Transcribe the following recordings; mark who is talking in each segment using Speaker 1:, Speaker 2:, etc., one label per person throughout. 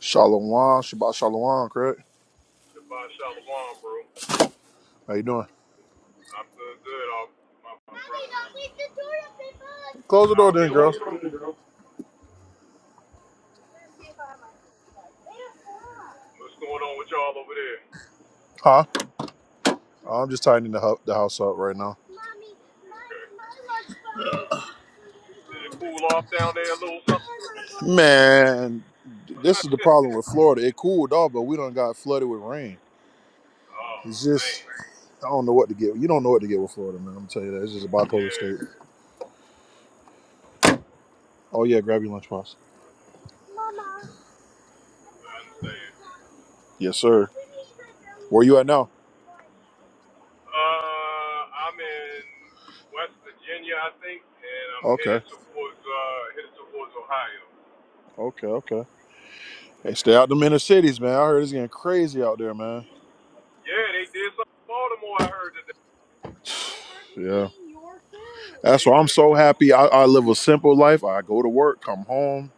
Speaker 1: Shalom, Shabbat Shalom, correct? How you doing? Close the door then, girl. Huh? I'm just tidying the, hu- the house up right now. Man, this is the problem with Florida. It cooled off, but we don't got flooded with rain. It's just, I don't know what to get. You don't know what to get with Florida, man. I'm going to tell you that. It's just a bipolar state. Oh, yeah, grab your lunchbox. Yes, sir. Where you at now? Okay, okay, okay. Hey, stay out them inner cities, man. I heard it's getting crazy out there, man. Yeah. That's why I'm so happy. I, I live a simple life. I go to work, come home,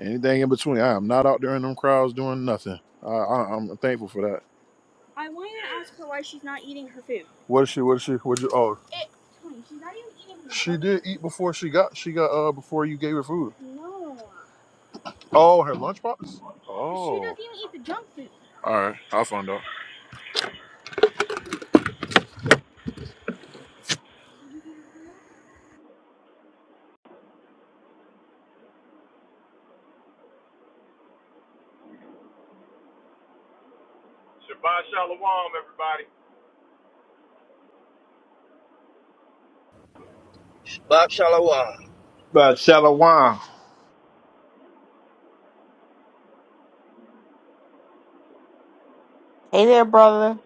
Speaker 1: anything in between. I am not out there in them crowds doing nothing. I, I, I'm thankful for that. What is she? What is she? What you? Oh, she did eat before she got. She got uh before you gave her food. Oh, her lunchbox. Oh. All right, I'll find out.
Speaker 2: Bob Shalawam.
Speaker 3: By Shalawam.
Speaker 4: Hey there, brother.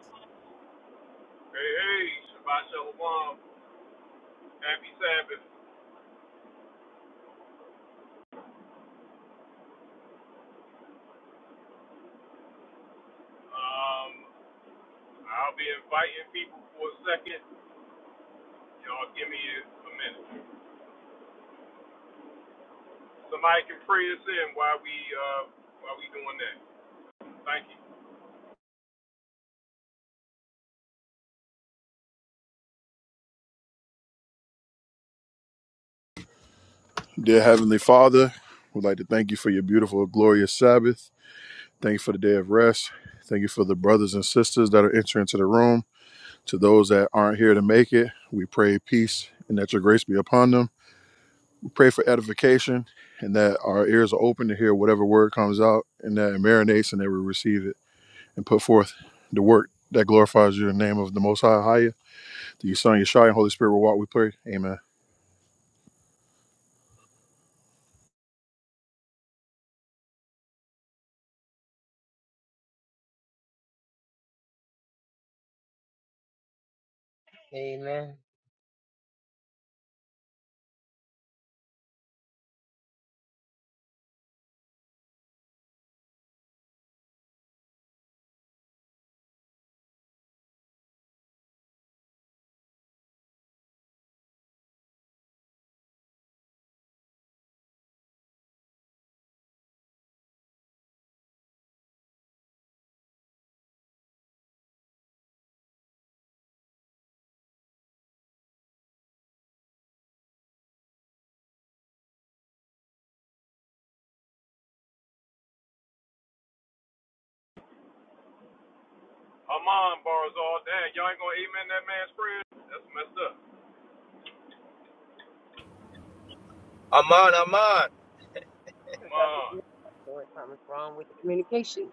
Speaker 1: Dear Heavenly Father, we'd like to thank you for your beautiful, glorious Sabbath. Thank you for the day of rest. Thank you for the brothers and sisters that are entering into the room. To those that aren't here to make it, we pray peace and that your grace be upon them. We pray for edification and that our ears are open to hear whatever word comes out and that it marinates and that we receive it and put forth the work that glorifies you in the name of the Most High, Higher, the Son, Yeshua, and Holy Spirit will walk, we pray. Amen.
Speaker 5: Amen. I did.
Speaker 2: Aman,
Speaker 5: I thought
Speaker 2: Aman.
Speaker 5: you said something Or something's wrong with the communication.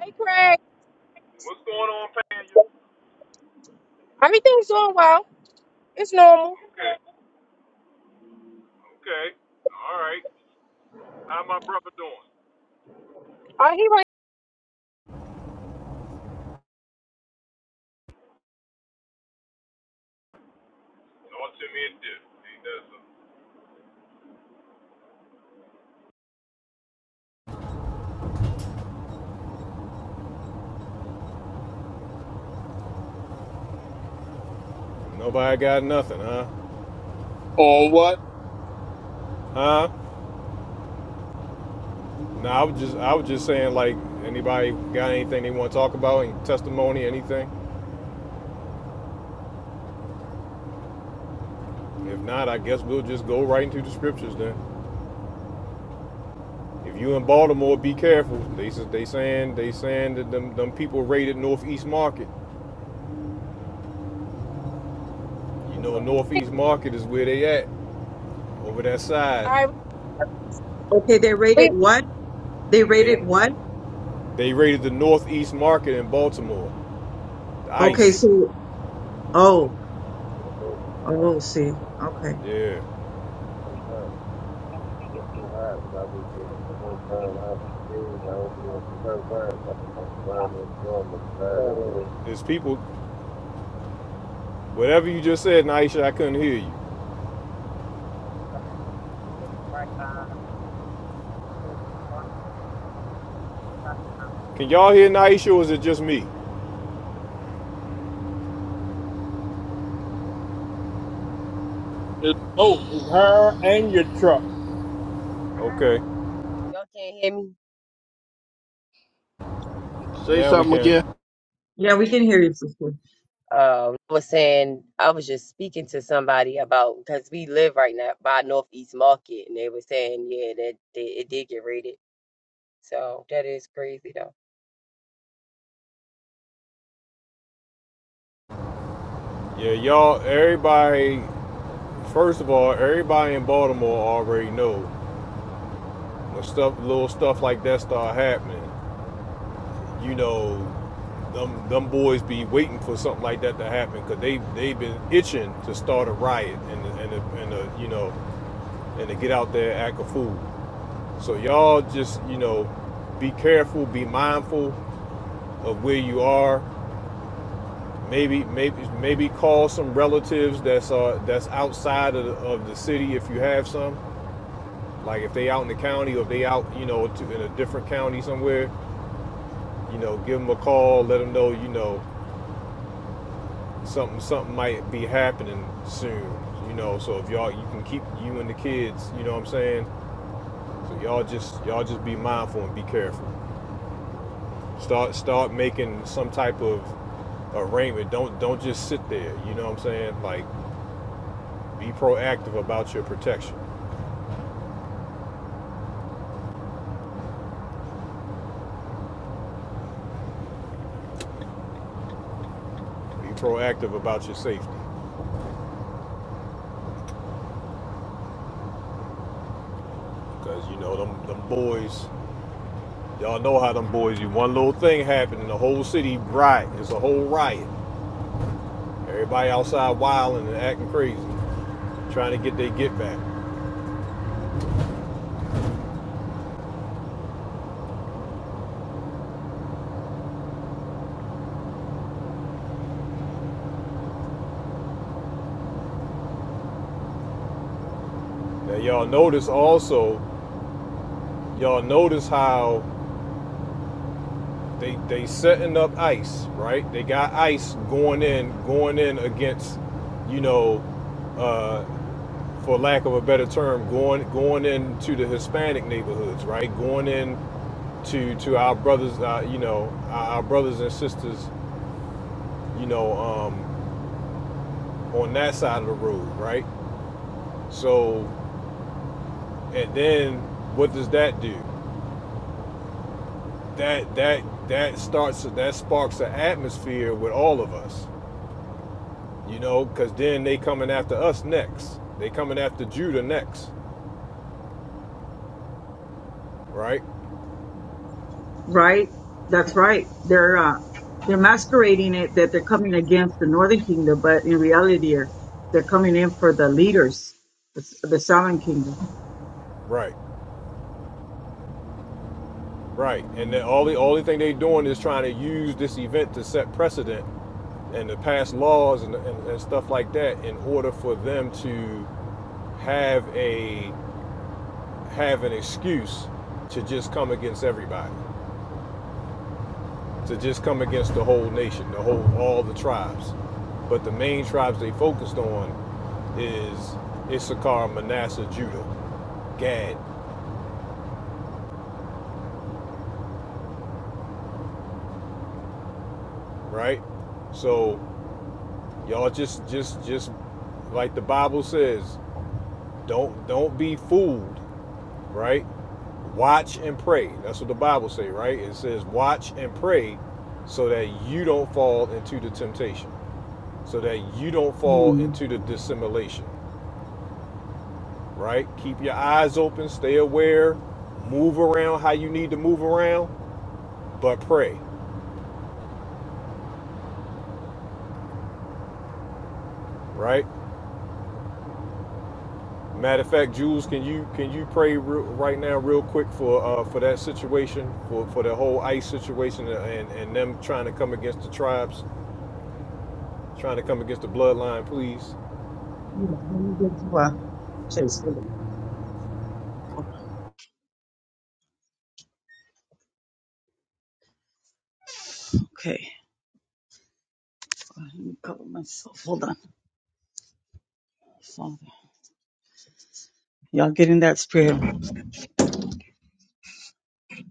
Speaker 6: Hey, Craig. Everything's doing well. It's normal. All right, he right.
Speaker 7: Nobody got nothing, huh?
Speaker 3: On what?
Speaker 7: Huh? No, I was just I was just saying like anybody got anything they want to talk about, any testimony, anything. If not, I guess we'll just go right into the scriptures then. If you in Baltimore, be careful. They s- they saying they saying that them, them people raided Northeast Market. You
Speaker 5: Right,
Speaker 7: know Northeast Market is where they at over that side.
Speaker 6: All
Speaker 8: Okay, they
Speaker 6: right.
Speaker 8: rated what? They
Speaker 7: They
Speaker 8: rated what?
Speaker 7: they raided the Northeast Market in Baltimore. The
Speaker 8: Okay,
Speaker 7: ICE.
Speaker 8: so oh, oh, see, okay,
Speaker 7: Yeah.
Speaker 5: uh,
Speaker 7: There's people. Whatever you just said, Naisha, I couldn't hear you.
Speaker 5: Lord, Lord, Prophet.
Speaker 7: Can y'all hear Naisha or is it just me?
Speaker 3: It's both. It's her and your truck.
Speaker 7: Okay,
Speaker 5: Y'all can't hear me?
Speaker 3: Say
Speaker 7: now we
Speaker 3: something
Speaker 7: can.
Speaker 3: again.
Speaker 8: yeah,
Speaker 5: You
Speaker 8: we
Speaker 5: can
Speaker 8: can
Speaker 5: hear me?
Speaker 8: hear you, sister.
Speaker 5: Um, I was saying, I was just speaking to somebody about, because we live right now by Northeast Market, and they were saying, yeah, that, that it did get raided. So that is crazy, though.
Speaker 7: Yeah, y'all, everybody, first of all, everybody in Baltimore already know when stuff, little stuff like that start happening, you know, them, them boys be waiting for something like that to happen because they, they've been itching to start a riot and, to- and, and, uh, you know, and to get out there and act a fool. So y'all just, you know, be careful, be mindful of where you are. Maybe, maybe, maybe call some relatives that's uh that's outside of the, of the city if you have some. Like if they out in the county or if they out, you know, to, in a different county somewhere, you know, give them a call, let them know, you know, something something might be happening soon, you know. So if y'all, you can keep you and the kids, you know what I'm saying. So y'all just y'all just be mindful and be careful. Start start making some type of arrangement. Don't don't just sit there. You know what I'm saying? Like be proactive about your protection. Be proactive about your safety, because you know them them boys. Y'all know how them boys. You one little thing happened, and the whole city riot. It's a whole riot. Everybody outside wilding and acting crazy, trying to get their get back. Now y'all notice also. Y'all notice how they they setting up ice, right? They got ice going in, going in against, you know, uh, for lack of a better term, going going into the Hispanic neighborhoods, right? Going in to to our brothers, uh, you know, our, brothers and sisters, you know, um, on that side of the road, right? So, and then what does that do? That that that starts that sparks an atmosphere with all of us, you know, because then they coming after us next. They coming after Judah next, right?
Speaker 8: Right, that's right. They're uh, they're masquerading it that they're coming against the Northern Kingdom, but in reality, they're they're coming in for the leaders, the, the Southern Kingdom.
Speaker 7: Right. Right, and the only only thing they are doing is trying to use this event to set precedent and to pass laws and, and, and stuff like that in order for them to have a have an excuse to just come against everybody, to just come against the whole nation, the whole all the tribes. But the main tribes they focused on is Issachar, Manasseh, Judah, Gad, right? So y'all just just just like the Bible says, Don't don't be fooled, right? Watch and pray. That's what the Bible says, right? It says watch and pray so that you don't fall into the temptation, so that you don't fall
Speaker 8: Hmm.
Speaker 7: into the dissimulation, right? Keep your eyes open, stay aware, move around how you need to move around, but pray, right? Matter of fact, Jules, can you can you pray real, right now, real quick for uh, for that situation, for for the whole ICE situation, and and them trying to come against the tribes? trying to come against the bloodline, please.
Speaker 8: Yes, let me get to uh, Chase. Hold on. Hold on. Okay, let me cover myself. Hold on, Father. Y'all get in that spirit.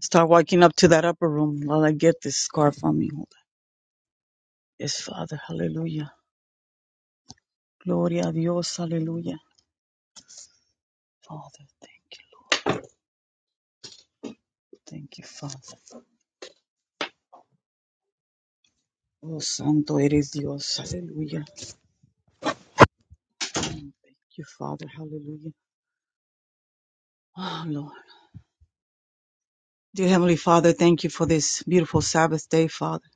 Speaker 8: Start walking up to that upper room while I get this scarf on me. Yes, Father. Hallelujah. Gloria a Dios. Hallelujah. Father, thank you. Thank you, Father. Oh, Santo eres Dios. Hallelujah. Thank you, Father. Hallelujah. Oh, Lord. Dear Heavenly Father, thank you for this beautiful Sabbath day, Father,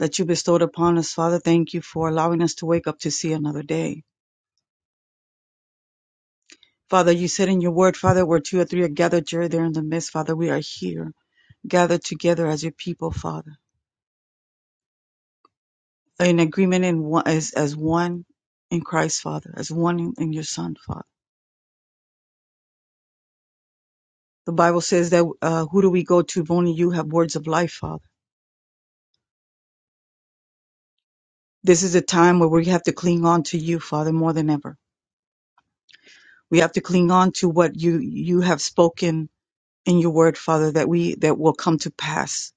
Speaker 8: that you bestowed upon us. Father, thank you for allowing us to wake up to see another day. Father, you said in your word, Father, where two or three are gathered, you're there in the midst. Father, we are here, gathered together as your people, Father. in agreement in one as as one in Christ, Father, as one in, in your Son, Father. The Bible says that uh, who do we go to? If only you have words of life, Father. This is a time where we have to cling on to you, Father, more than ever. We have to cling on to what you you have spoken in your word, Father, that we that will come to pass.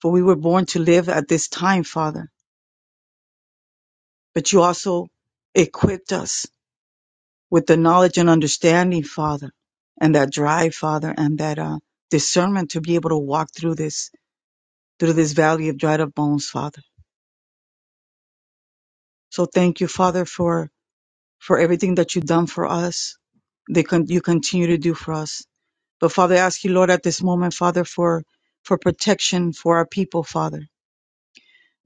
Speaker 8: For we were born to live at this time, Father. But you also equipped us with the knowledge and understanding, Father, and that drive, Father, and that uh, discernment to be able to walk through this through this valley of dried up bones, Father. So thank you, Father, for for everything that you've done for us. They con- you continue to do for us. But Father, I ask you, Lord, at this moment, Father, for for protection for our people, Father,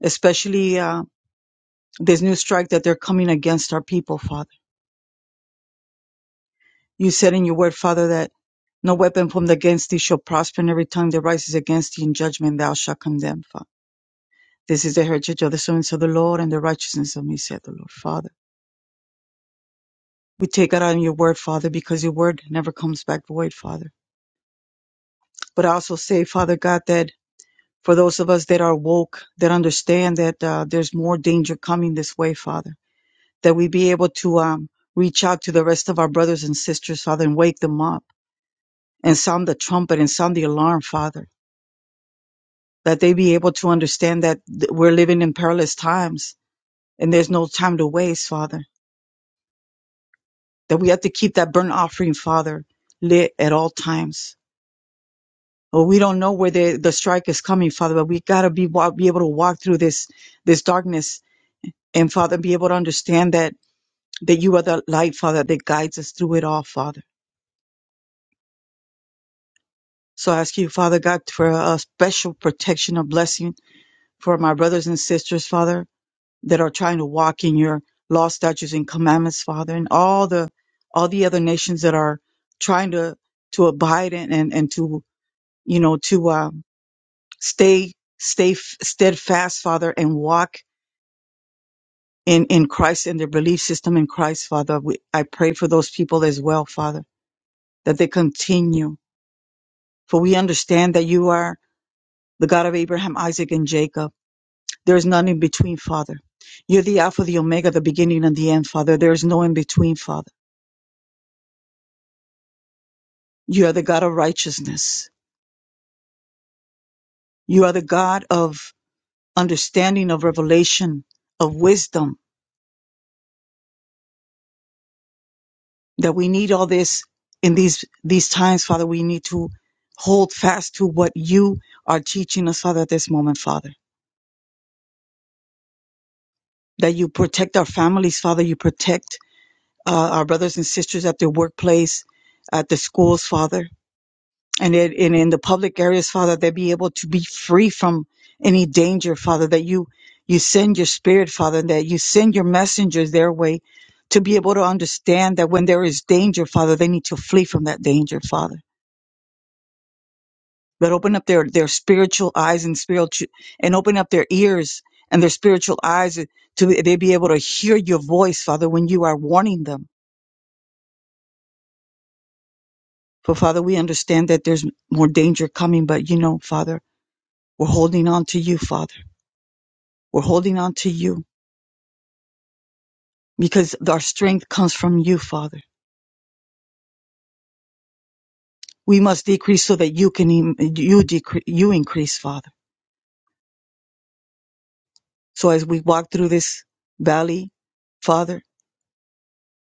Speaker 8: especially uh, this new strike that they're coming against our people, Father. You said in your word, Father, that no weapon formed against thee shall prosper, and every tongue that rises against thee in judgment thou shalt condemn, Father. This is the heritage of the servants of the Lord and the righteousness of me, said the Lord, Father. We take it out in your word, Father, because your word never comes back void, Father. But I also say, Father God, that for those of us that are woke, that understand that uh, there's more danger coming this way, Father, that we be able to um, reach out to the rest of our brothers and sisters, Father, and wake them up and sound the trumpet and sound the alarm, Father that they be able to understand that th- we're living in perilous times and there's no time to waste, Father. That we have to keep that burnt offering, Father, lit at all times. Well, we don't know where the, the strike is coming, Father, but we gotta be wa- be able to walk through this this darkness and Father, be able to understand that that you are the light, Father, that guides us through it all, Father. So I ask you, Father God, for a special protection, a blessing for my brothers and sisters, Father that are trying to walk in your law, statutes, and commandments, Father, and all the all the other nations that are trying to to abide in and, and to you know to um, stay stay f- steadfast, Father, and walk in in Christ and their belief system in Christ, Father. We, I pray for those people as well, Father, that they continue, for we understand that you are the God of Abraham, Isaac, and Jacob. There is none in between, Father. You're the Alpha, the Omega, the beginning and the end, Father. There is no in between, Father. You are the God of righteousness. You are the God of understanding, of revelation, of wisdom. That we need all this in these these times, Father. We need to hold fast to what you are teaching us, Father, at this moment, Father. That you protect our families, Father. You protect uh, our brothers and sisters at their workplace, at the schools, Father and it, and in the public areas, Father, they be able to be free from any danger, Father, that you you send your spirit, Father, and that you send your messengers their way to be able to understand that when there is danger, Father, they need to flee from that danger, Father. But open up their, their spiritual eyes and spiritual and open up their ears and their spiritual eyes to they be able to hear your voice, Father, when you are warning them. But Father, we understand that there's more danger coming, but you know, Father, we're holding on to you, Father We're holding on to you because our strength comes from you, Father. We must decrease so that you can, you decrease, you increase, Father. So as we walk through this valley, Father,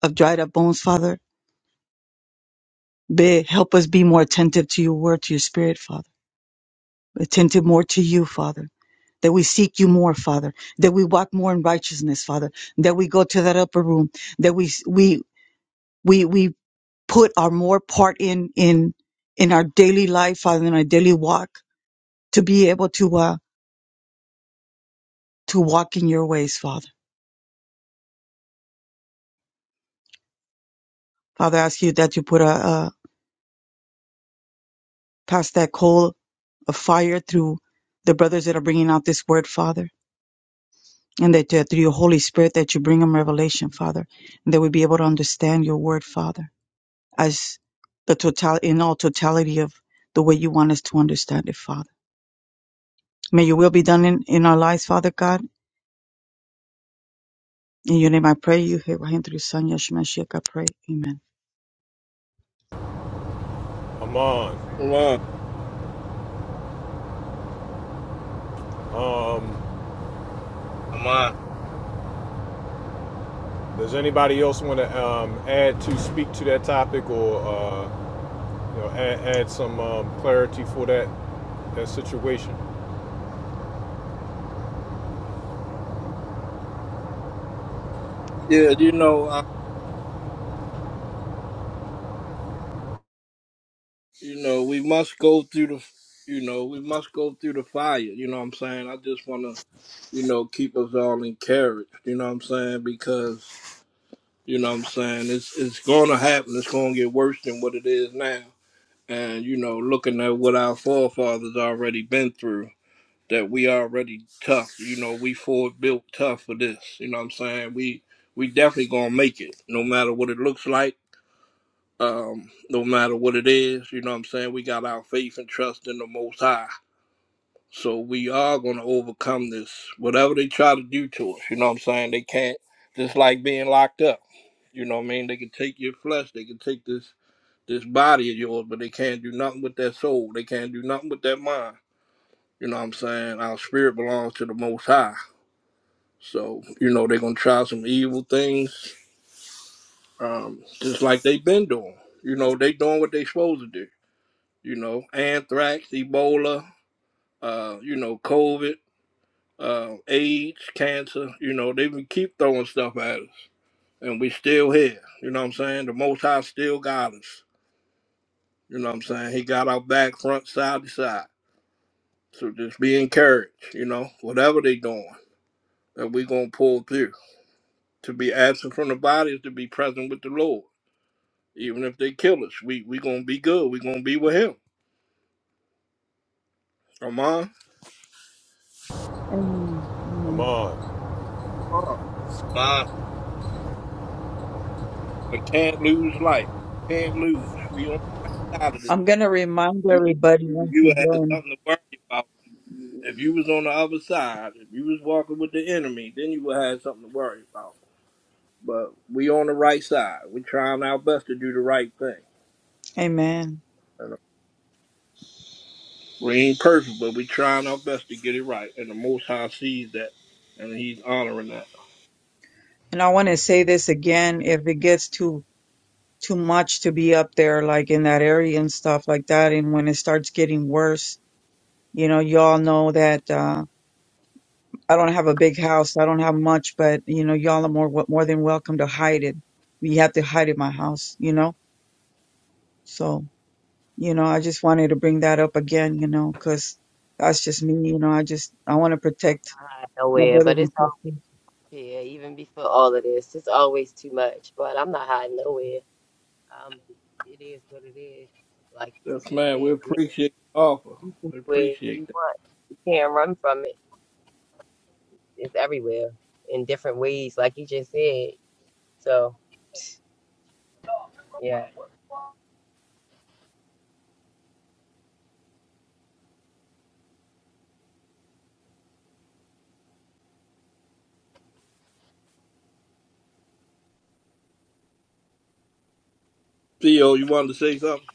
Speaker 8: of dried up bones, Father, be, help us be more attentive to your word, to your spirit, Father. Attentive more to you, Father. That we seek you more, Father. That we walk more in righteousness, Father. That we go to that upper room. That we, we, we, we put our more part in, in, in our daily life, Father, in our daily walk to be able to uh, to walk in your ways, Father. Father, I ask you that you put a, a pass that coal of fire through the brothers that are bringing out this word, Father, and that uh, through your Holy Spirit that you bring them revelation, Father, and that we be able to understand your word, Father, as the total in all totality of the way you want us to understand it, Father. May your will be done in, in our lives, Father God. In your name I pray you, Abraham, through your son, Yeshua Mashiach, I pray. Amen.
Speaker 7: Amon,
Speaker 3: Wow.
Speaker 7: um,
Speaker 2: Aman,
Speaker 7: does anybody else want to um, add to speak to that topic or uh, you know add, add some um, clarity for that that situation?
Speaker 3: Yeah, you know, uh, you know, we must go through the, you know, we must go through the fire. You know what I'm saying? I just want to, you know, keep us all encouraged. You know what I'm saying? Because you know what I'm saying it's it's going to happen. It's going to get worse than what it is now. And you know, looking at what our forefathers already been through. that we already tough. You know, we forward built tough for this. You know what I'm saying? We we definitely gonna make it, no matter what it looks like, um, no matter what it is, you know what I'm saying? We got our faith and trust in the most high. So we are gonna overcome this. Whatever they try to do to us, you know what I'm saying? They can't just like being locked up. You know what I mean? They can take your flesh, they can take this this body of yours, but they can't do nothing with that soul. They can't do nothing with that mind. You know what I'm saying? Our spirit belongs to the most high. So, you know, they're gonna try some evil things, um, just like they've been doing. You know, they doing what they supposed to do. You know, anthrax, Ebola, uh, you know, COVID, uh, AIDS, cancer. You know, they even keep throwing stuff at us, and we still here. You know what I'm saying? The Most High still got us. You know what I'm saying? He got our back, front, side to side. So just be encouraged. You know, whatever they doing, that we gonna pull through. To be absent from the body is to be present with the Lord. Even if they kill us, we we gonna be good. We gonna be with him. Come on,
Speaker 8: Amen. Amen.
Speaker 7: Amon,
Speaker 3: Come on.
Speaker 2: Aman.
Speaker 3: we can't lose life. We can't lose. We on the right side of this.
Speaker 8: I'm going to remind
Speaker 3: You
Speaker 8: everybody
Speaker 3: you
Speaker 8: once
Speaker 3: you had
Speaker 8: again.
Speaker 3: something to worry about. If you was on the other side, if you was walking with the enemy, then you would have something to worry about. But we on the right side. We trying our best to do the right thing.
Speaker 8: Amen.
Speaker 3: And uh, We ain't perfect, but we trying our best to get it right. And the Most High sees that, and He's honoring that.
Speaker 8: And I want to say this again if it gets too too much to be up there like in that area and stuff like that and when it starts getting worse, you know, y'all know that uh I don't have a big house. I don't have much, but you know, y'all are more more than welcome to hide it. We have to hide at my house, you know? So, you know, I just wanted to bring that up again, you know, cuz that's just me, you know. I just I want to
Speaker 5: I'm not
Speaker 8: protect
Speaker 5: hiding
Speaker 8: my
Speaker 5: nowhere,
Speaker 8: brothers
Speaker 5: but
Speaker 8: and
Speaker 5: it's
Speaker 8: sisters.
Speaker 5: Yeah, even before all of this, it's always too much, but I'm not hiding nowhere. Um, it is what it is. Like you
Speaker 3: Yes,
Speaker 5: just
Speaker 3: man. We
Speaker 5: did. I mean,
Speaker 3: appreciate the offer.
Speaker 5: you can
Speaker 3: We
Speaker 5: do it if
Speaker 3: appreciate.
Speaker 5: you want. You can't run from it. It's everywhere in different ways, like you just said. So, yeah.
Speaker 3: Theo, you wanted to say something?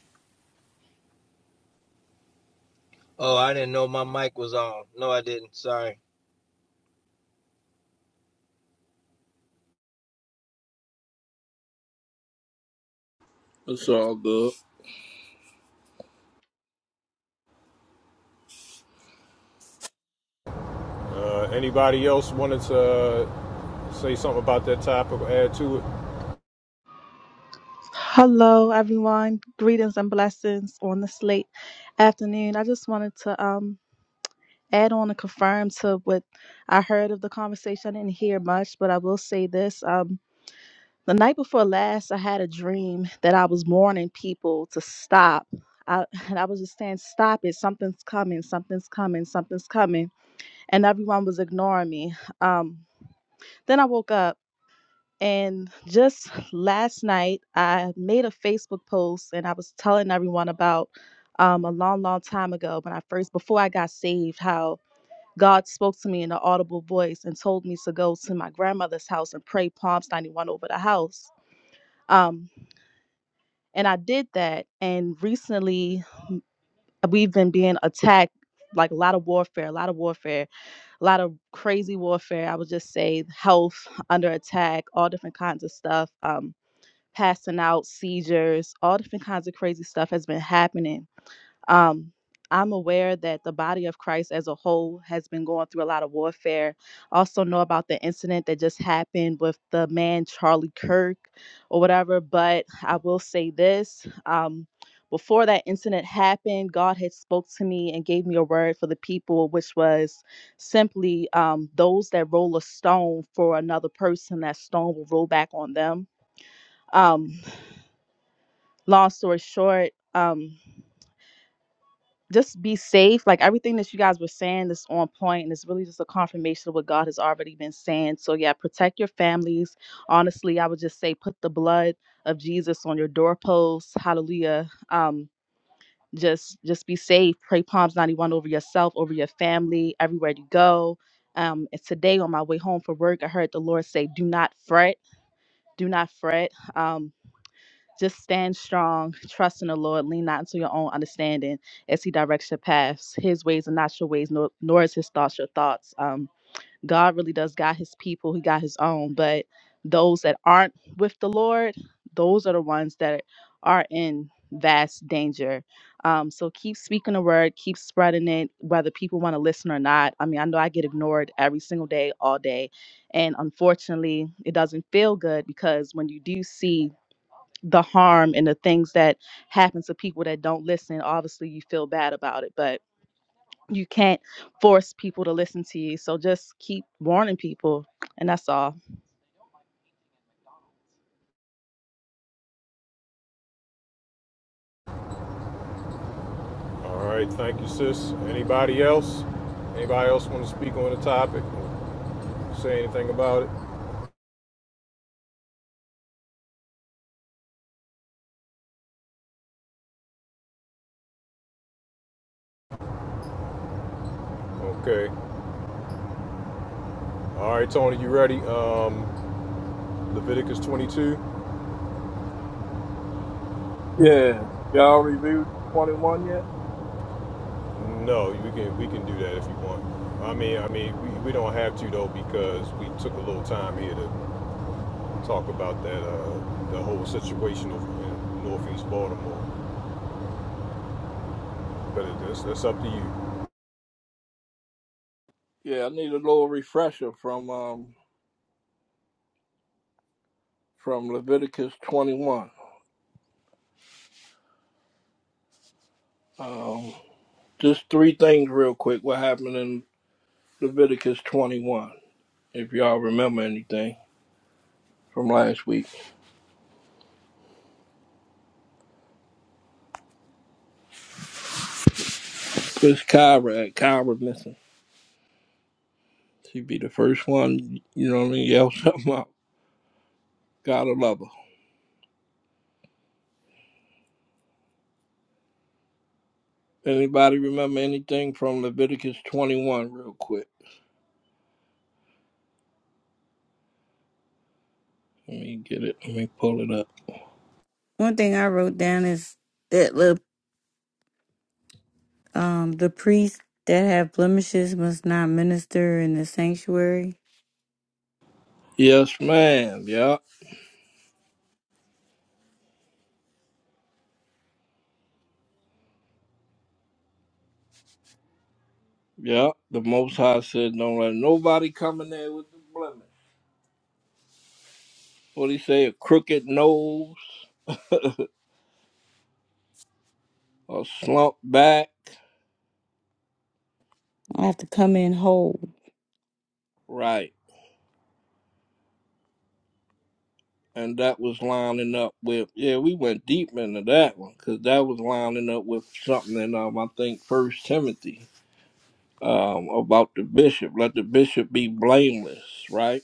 Speaker 2: Oh, I didn't know my mic was on. No, I didn't. Sorry.
Speaker 3: It's all good.
Speaker 7: uh, anybody else wanted to uh, say something about that topic or add to it?
Speaker 9: Hello, everyone. Greetings and blessings on this late afternoon. I just wanted to um, add on and confirm to what I heard of the conversation. I didn't hear much, but I will say this. Um, the night before last, I had a dream that I was warning people to stop. I, and I was just saying, stop it. Something's coming. Something's coming. Something's coming. And everyone was ignoring me. Um, then I woke up and just last night, I made a Facebook post and I was telling everyone about um, a long, long time ago when I first, before I got saved, how God spoke to me in an audible voice and told me to go to my grandmother's house and pray Psalms 91 over the house. Um, and I did that. And recently, we've been being attacked like a lot of warfare, a lot of warfare, a lot of crazy warfare. I would just say health under attack, all different kinds of stuff. Um, passing out, seizures, all different kinds of crazy stuff has been happening. Um, I'm aware that the body of Christ as a whole has been going through a lot of warfare. Also, know about the incident that just happened with the man Charlie Kirk or whatever. But I will say this um, before that incident happened, God had spoke to me and gave me a word for the people, which was simply um, those that roll a stone for another person, that stone will roll back on them. Um, long story short, um, just be safe. Like everything that you guys were saying is on point, and it's really just a confirmation of what God has already been saying. So yeah, protect your families. Honestly, I would just say put the blood of Jesus on your doorposts. Hallelujah. Um, just just be safe. Pray Psalms 91 over yourself, over your family, everywhere you go. Um, and today on my way home from work, I heard the Lord say, "Do not fret. Do not fret." Um, Just stand strong, trust in the Lord, lean not into your own understanding as He directs your paths. His ways are not your ways, nor, nor is His thoughts your thoughts. Um, God really does guide His people, He got His own. But those that aren't with the Lord, those are the ones that are in vast danger. Um, so keep speaking the word, keep spreading it, whether people want to listen or not. I mean, I know I get ignored every single day, all day. And unfortunately, it doesn't feel good because when you do see the harm and the things that happen to people that don't listen obviously you feel bad about it but you can't force people to listen to you so just keep warning people and that's all
Speaker 7: All right, thank you, sis. Anybody else? Anybody else want to speak on the topic? or Say anything about it? Okay. All right, Tony, you ready? Um, Leviticus 22.
Speaker 3: Yeah. Y'all reviewed twenty one yet?
Speaker 7: No, we can we can do that if you want. I mean, I mean, we, we don't have to though because we took a little time here to talk about that uh, the whole situation of in Northeast Baltimore. But it, that's that's up to you.
Speaker 3: Yeah, I need a little refresher from um from Leviticus twenty one. Um just three things real quick what happened in Leviticus twenty one, if y'all remember anything from last week. It's Kyra at Kyra missing. She be the first one, you know what I mean, yell something out. Gotta love her. Anybody remember anything from Leviticus twenty one real quick? Let me get it. Let me pull it up.
Speaker 4: One thing I wrote down is that the um the priests that have blemishes must not minister in the sanctuary.
Speaker 3: Yes, ma'am. Yeah, yeah. The Most High said, "Don't let nobody come in there with the blemish." What he say? A crooked nose, a slump back,
Speaker 4: I have to come in whole.
Speaker 3: right? And that was lining up with. Yeah, we went deep into that one because that was lining up with something in um I think First Timothy um about the bishop. Let the bishop be blameless, right?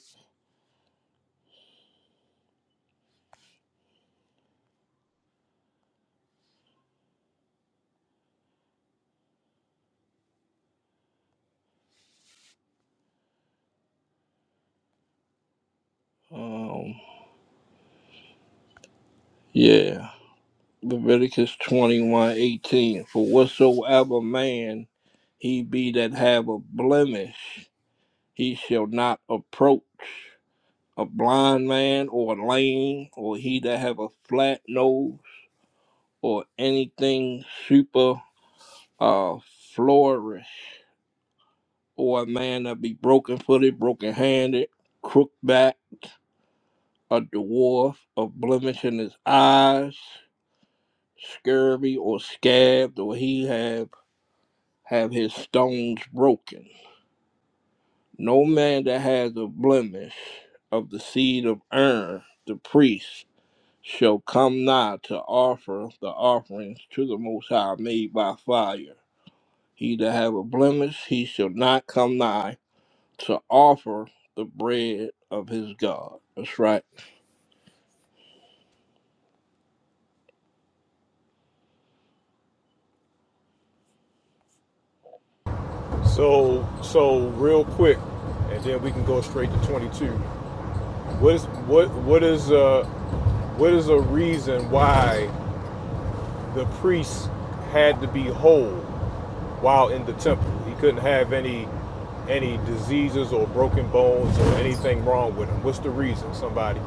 Speaker 3: Um, yeah. Leviticus 21 18. For whatsoever man he be that have a blemish, he shall not approach a blind man or lame or he that have a flat nose or anything super uh flourish or a man that be broken footed, broken handed, crook backed, a dwarf, a blemish in his eyes, scurvy or scabbed, or he have have his stones broken. No man that has a blemish of the seed of Aaron, the priest, shall come nigh to offer the offerings to the Most High made by fire. He that have a blemish, he shall not come nigh to offer the bread of his God. That's right.
Speaker 7: So so real quick, and then we can go straight to 22. What is what what is uh what is a reason why the priests had to be whole? while in the temple. He couldn't have any any diseases or broken bones or anything wrong with him. What's the reason? Somebody,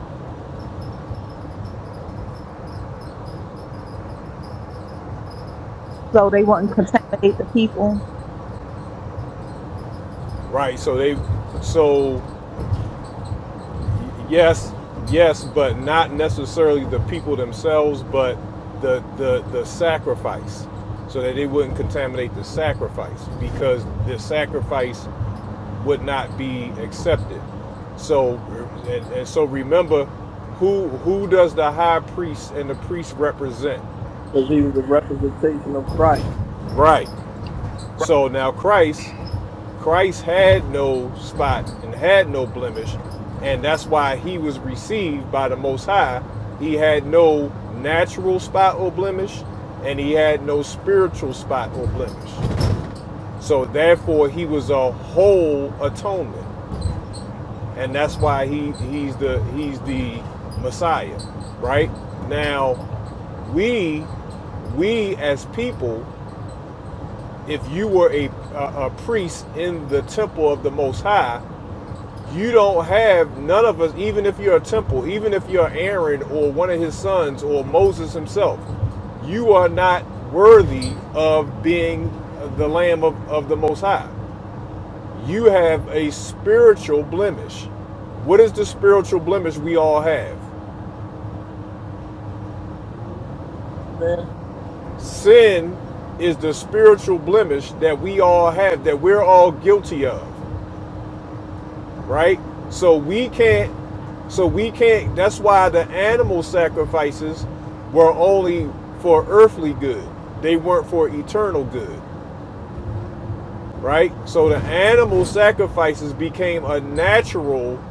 Speaker 9: So they wouldn't contaminate the people.
Speaker 7: right? So they, so yes, yes, but not necessarily the people themselves, but the the the sacrifice, so that they wouldn't contaminate the sacrifice because the sacrifice would not be accepted. So and, and so remember, who who does the high priest and the priest represent?
Speaker 3: Because he was a representation of Christ.
Speaker 7: Right. So now Christ, Christ had no spot and had no blemish, and that's why he was received by the Most High. He had no natural spot or blemish, and he had no spiritual spot or blemish. So therefore, he was a whole atonement, and that's why he he's the he's the Messiah. Right now, we we as people if you were a, a, a priest in the temple of the Most High, you don't have none of us, even if you're a temple, even if you're Aaron or one of his sons or Moses himself, you are not worthy of being the Lamb of, of the Most High. You have a spiritual blemish. What is the spiritual blemish we all have?
Speaker 3: Man.
Speaker 7: Sin is the spiritual blemish that we all have, that we're all guilty of. right? So we can't. So we can't. That's why the animal sacrifices were only for earthly good. They weren't for eternal good, right? So the animal sacrifices became a natural,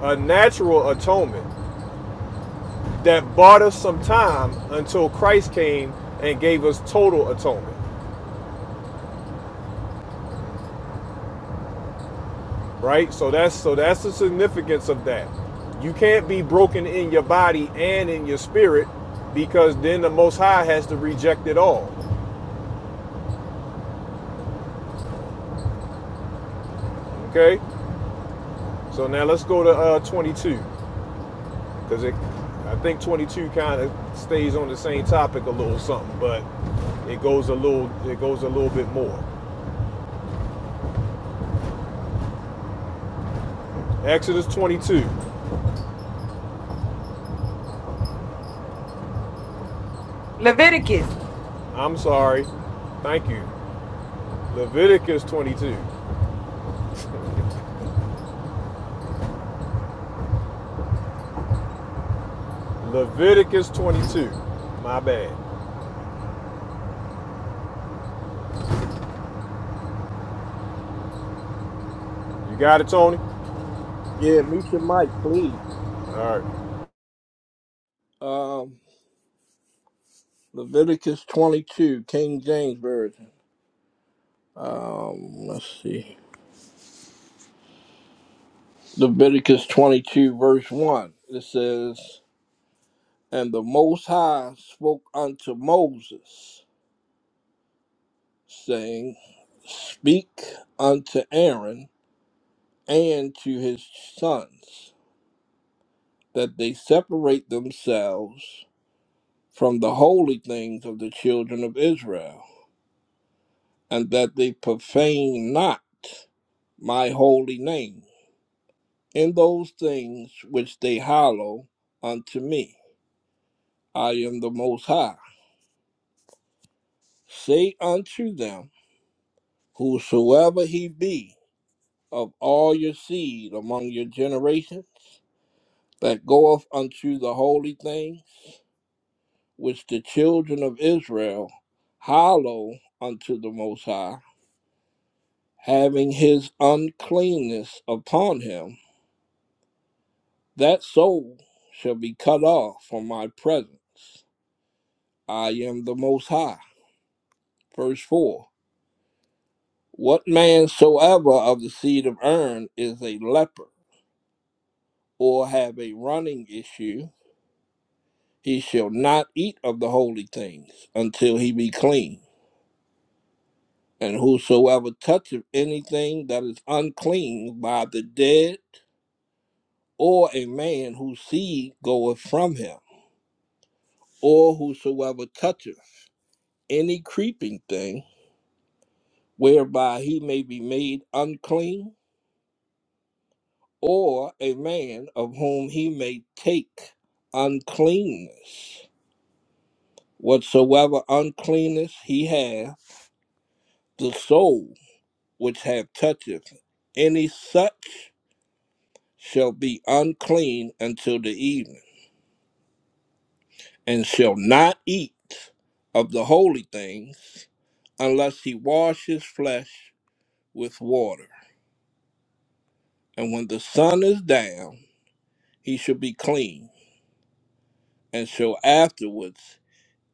Speaker 7: a natural atonement that bought us some time until Christ came and gave us total atonement. right? So that's so that's the significance of that. You can't be broken in your body and in your spirit because then the Most High has to reject it all. Okay, so now let's go to uh, 22 because it, I think 22 kind of stays on the same topic a little something, but it goes a little it goes a little bit more. Exodus 22. I'm sorry. Thank you. Leviticus 22. Leviticus 22. My bad. You got it, Tony?
Speaker 3: Yeah, meet your mic, please.
Speaker 7: All right.
Speaker 3: Um, Leviticus 22, King James Version. Um, let's see. Leviticus 22, verse 1. It says, And the Most High spoke unto Moses, saying, Speak unto Aaron and to his sons, that they separate themselves from the holy things of the children of Israel, and that they profane not my holy name in those things which they hallow unto me. I am the Most High. Say unto them, Whosoever he be of all your seed among your generations, that goeth unto the holy things which the children of Israel hallow unto the Most High, having his uncleanness upon him, that soul shall be cut off from my presence. I am the Most High. Verse 4 What man soever of the seed of Aaron is a leper? or have a running issue, he shall not eat of the holy things until he be clean. And whosoever toucheth anything that is unclean by the dead, or a man whose seed goeth from him, or whosoever toucheth any creeping thing, whereby he may be made unclean, or a man of whom he may take uncleanness, whatsoever uncleanness he hath, the soul. which have toucheth any such shall be unclean until the evening, and shall not eat of the holy things unless he wash his flesh with water. And when the sun is down, he shall be clean, and shall afterwards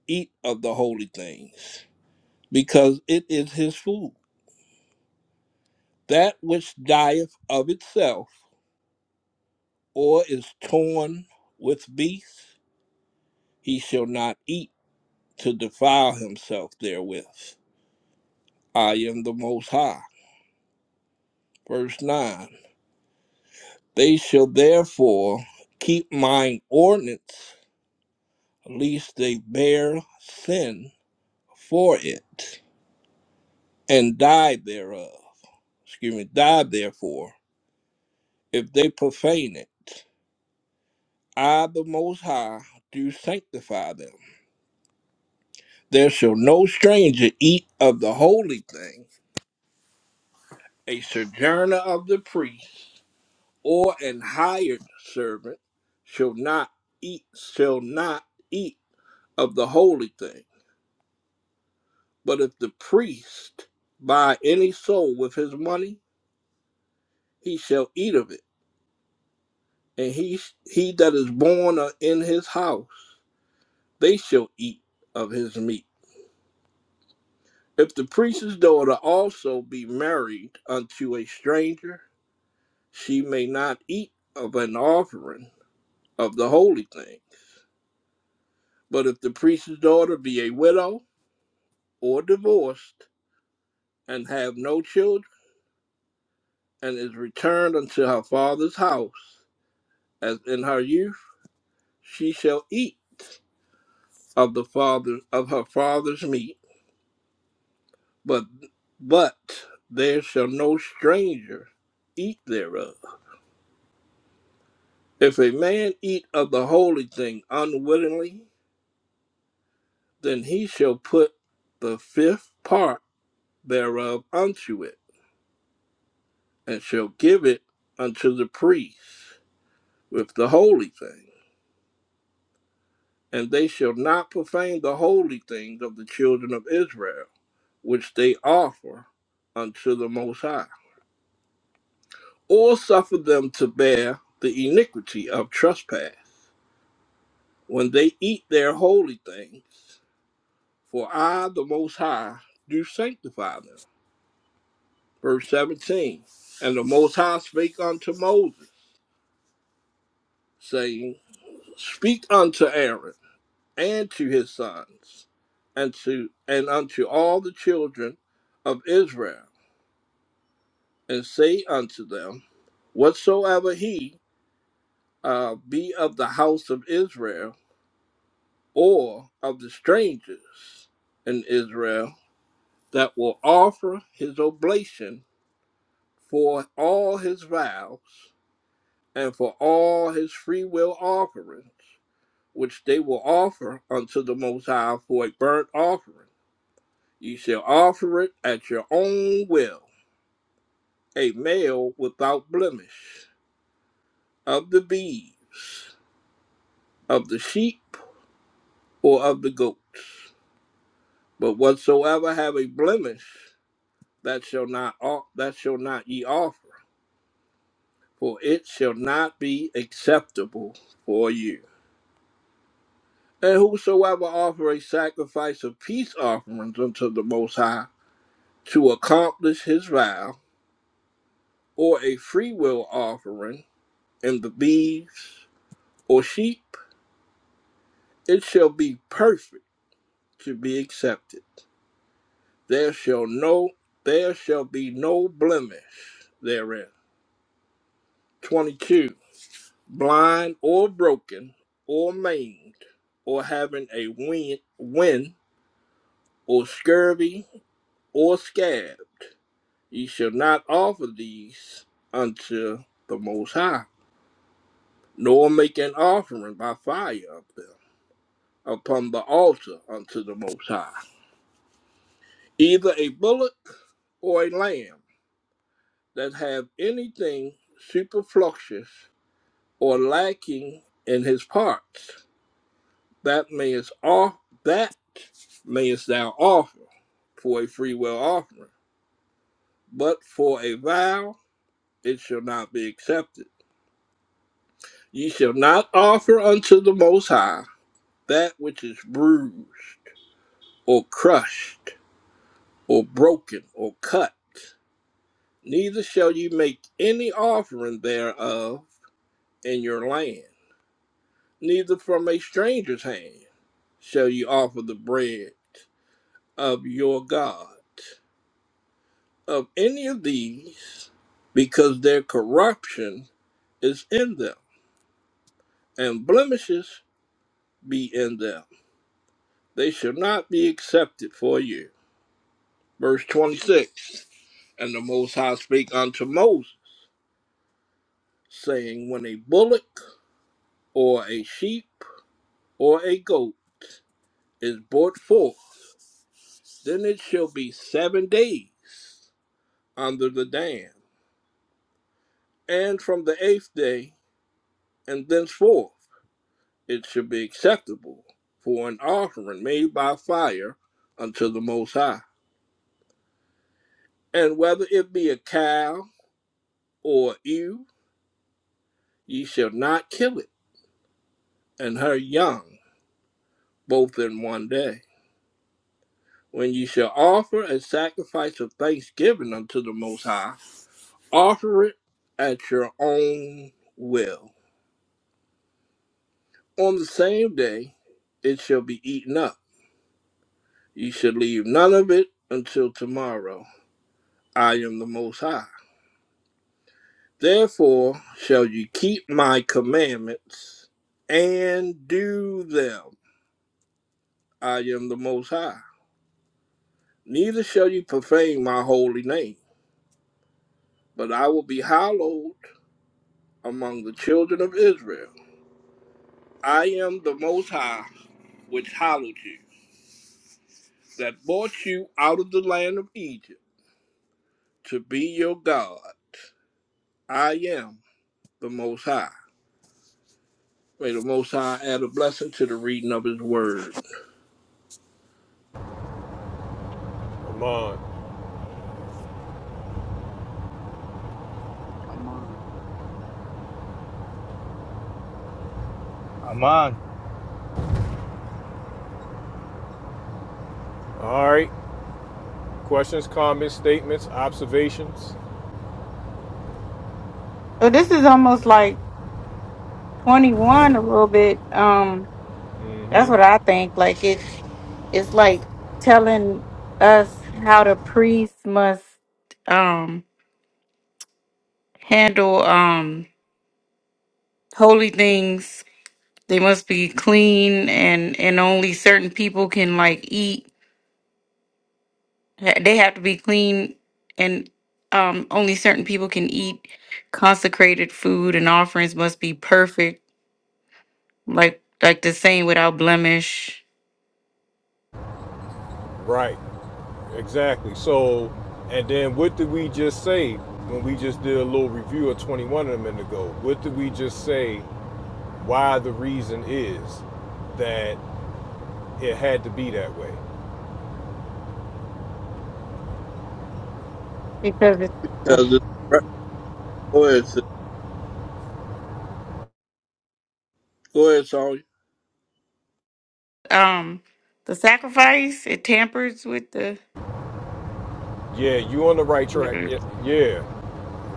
Speaker 3: eat of the holy things, because it is his food. That which dieth of itself, or is torn with beasts, he shall not eat to defile himself therewith. I am the Most High. Verse 9 They shall therefore keep mine ordinance, lest they bear sin for it, and die thereof. Excuse me, die therefore, if they profane it. I, the Most High, do sanctify them. There shall no stranger eat of the holy thing, a sojourner of the priest. or an hired servant shall not eat shall not eat of the holy thing but if the priest buy any soul with his money he shall eat of it and he he that is born in his house they shall eat of his meat if the priest's daughter also be married unto a stranger she may not eat of an offering of the holy thing but if the priest's daughter be a widow or divorced and have no children, and is returned unto her father's house, as in her youth, she shall eat of the father of her father's meat, but but there shall no stranger eat thereof. If a man eat of the holy thing unwittingly, then he shall put the fifth part thereof unto it, and shall give it unto the priest with the holy thing. and they shall not profane the holy things of the children of Israel, which they offer unto the Most High, or suffer them to bear the iniquity of trespass when they eat their holy things. For I, the Most High, do sanctify them. Verse 17 And the Most High spake unto Moses, saying, Speak unto Aaron and to his sons, and to and unto all the children of Israel and say unto them, Whatsoever he uh, be of the house of Israel, or of the strangers in Israel, that will offer his oblation for all his vows and for all his freewill offerings, which they will offer unto the Most High for a burnt offering, ye shall offer it at your own will, a male without blemish, of the beeves, of the sheep or of the goats. But whatsoever have a blemish, that shall not o- that shall not ye offer, for it shall not be acceptable for you. And whosoever offer a sacrifice of peace offerings unto the Most High to accomplish his vow, or a freewill offering in the beeves or sheep, it shall be perfect to be accepted. There shall no there shall be no blemish therein 22. Blind or broken or maimed or having a wind, win or scurvy or scabbed, ye shall not offer these unto the Most High, nor make an offering by fire of them upon the altar unto the Most High, either a bullock or a lamb that have anything superfluous or lacking in his parts that mayest off that mayest thou offer for a free will offering, but for a vow it shall not be accepted. Ye shall not offer unto the Most High that which is bruised or crushed or broken or cut. Neither shall ye make any offering thereof in your land, neither from a stranger's hand shall ye offer the bread of your God. of any of these because their corruption is in them, and blemishes be in them. They shall not be accepted for you. Verse 26 And the Most High spake unto Moses, saying, When a bullock or a sheep or a goat is brought forth, then it shall be seven days under the dam, and from the eighth day and thenceforth. it should be acceptable for an offering made by fire unto the Most High. And whether it be a cow or ewe, ye shall not kill it and her young, both in one day. When ye shall offer a sacrifice of thanksgiving unto the Most High, offer it at your own will. On the same day, it shall be eaten up. Ye shall leave none of it until tomorrow. I am the Most High. Therefore shall ye keep my commandments and do them. I am the Most High. Neither shall ye profane my holy name, but I will be hallowed among the children of Israel. I am the Most High, which hallowed you, that brought you out of the land of Egypt to be your God. I am the Most High. May the Most High add a blessing to the reading of His word.
Speaker 7: Come on.
Speaker 10: Aman,
Speaker 2: Aman.
Speaker 7: All right. Questions, comments, statements, observations?
Speaker 4: So this is almost like 21 a little bit. Um,
Speaker 7: mm
Speaker 4: that's what
Speaker 7: hmm
Speaker 4: I think. Like it's it's like telling us how the priests must um handle um holy things. They must be clean and and only certain people can like eat Ha- They have to be clean, and um, only certain people can eat consecrated food, and offerings must be perfect, like like the same without blemish.
Speaker 7: Right. Exactly. So, and then what did we just say when we just did a little review of 21 a minute ago? What did we just say why the reason is that it had to be that way?
Speaker 4: Because it, uh,
Speaker 3: Because it's, go ahead, sis. go ahead, Saul.
Speaker 4: um, the sacrifice it tampers with the
Speaker 7: Yeah, you on the right track. Yeah,
Speaker 4: like
Speaker 7: yeah.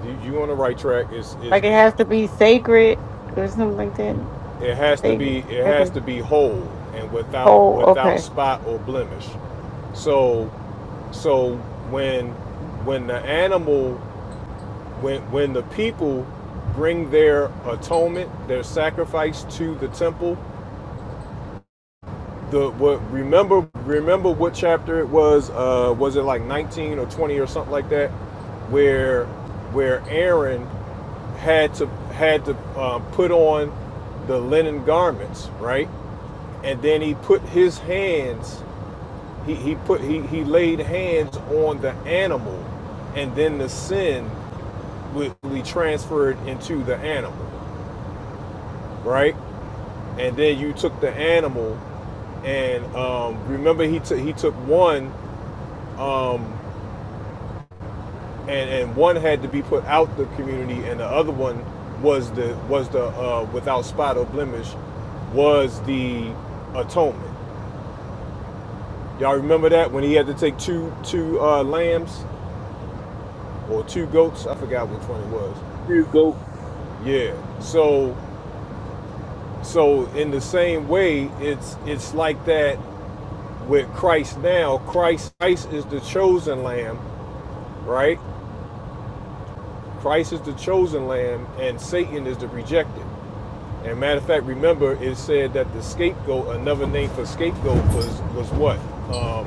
Speaker 7: You, you on the right track. Is is
Speaker 4: it has to be sacred or something like that.
Speaker 7: It has to
Speaker 4: Sacred,
Speaker 7: be it
Speaker 4: like
Speaker 7: has
Speaker 4: a
Speaker 7: to be whole and without
Speaker 4: whole
Speaker 7: without
Speaker 4: okay.
Speaker 7: spot or blemish. So so when when the animal when when the people bring their atonement, their sacrifice to the temple, the what remember remember what chapter it was uh was it like 19 or 20 or something like that where where Aaron had to had to uh, put on the linen garments, right? and then he put his hands he, he put he, he laid hands on the animal and then the sin would be transferred into the animal right and then you took the animal and um, remember he took he took one um, and and one had to be put out the community and the other one was the was the uh, without spot or blemish was the atonement y'all remember that when he had to take two two uh, lambs or two goats. I forgot which one it was.
Speaker 3: you go
Speaker 7: Yeah. So so in the same way, it's it's like that with Christ now. Christ Christ is the chosen lamb, right? Christ is the chosen lamb, and Satan is the rejected. And matter of fact, remember it said that the scapegoat, another name for scapegoat, was was what? Um,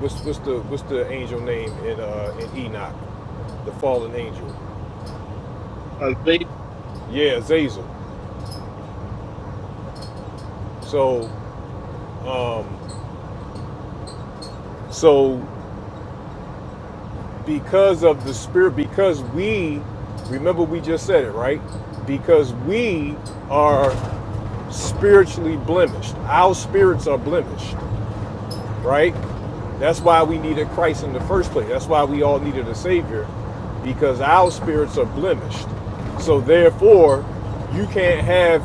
Speaker 7: what's what's the what's the angel name in uh, in Enoch? the fallen angel.
Speaker 3: a lazy
Speaker 7: Yeah, Zazel. So, um, so because of the spirit because we remember we just said it right because we are spiritually blemished our spirits are blemished right? That's why we needed Christ in the first place. That's why we all needed a Savior, because our spirits are blemished. So, therefore, you can't have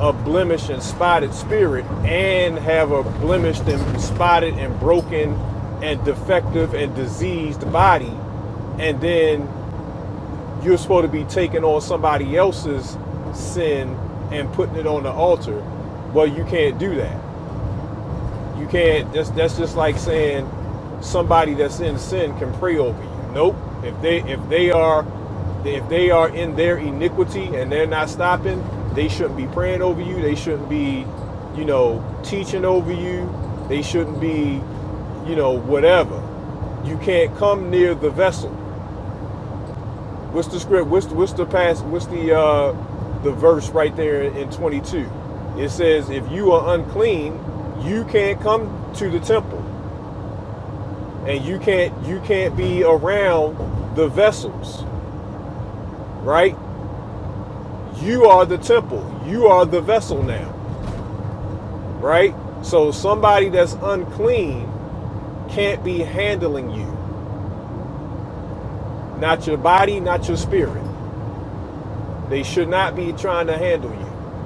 Speaker 7: a blemished and spotted spirit and have a blemished and spotted and broken and defective and diseased body, and then you're supposed to be taking on somebody else's sin and putting it on the altar. Well, you can't do that you can't. That's that's just like saying somebody that's in sin can pray over you. Nope. If they if they are if they are in their iniquity and they're not stopping, they shouldn't be praying over you. They shouldn't be, you know, teaching over you. They shouldn't be, you know, whatever. You can't come near the vessel. What's the script? What's the, what's the pass? What's the uh, the verse right there in 22? It says, "If you are unclean, you can't come to the temple." and you can't you can't be around the vessels right you are the temple you are the vessel now right so somebody that's unclean can't be handling you not your body not your spirit they should not be trying to handle you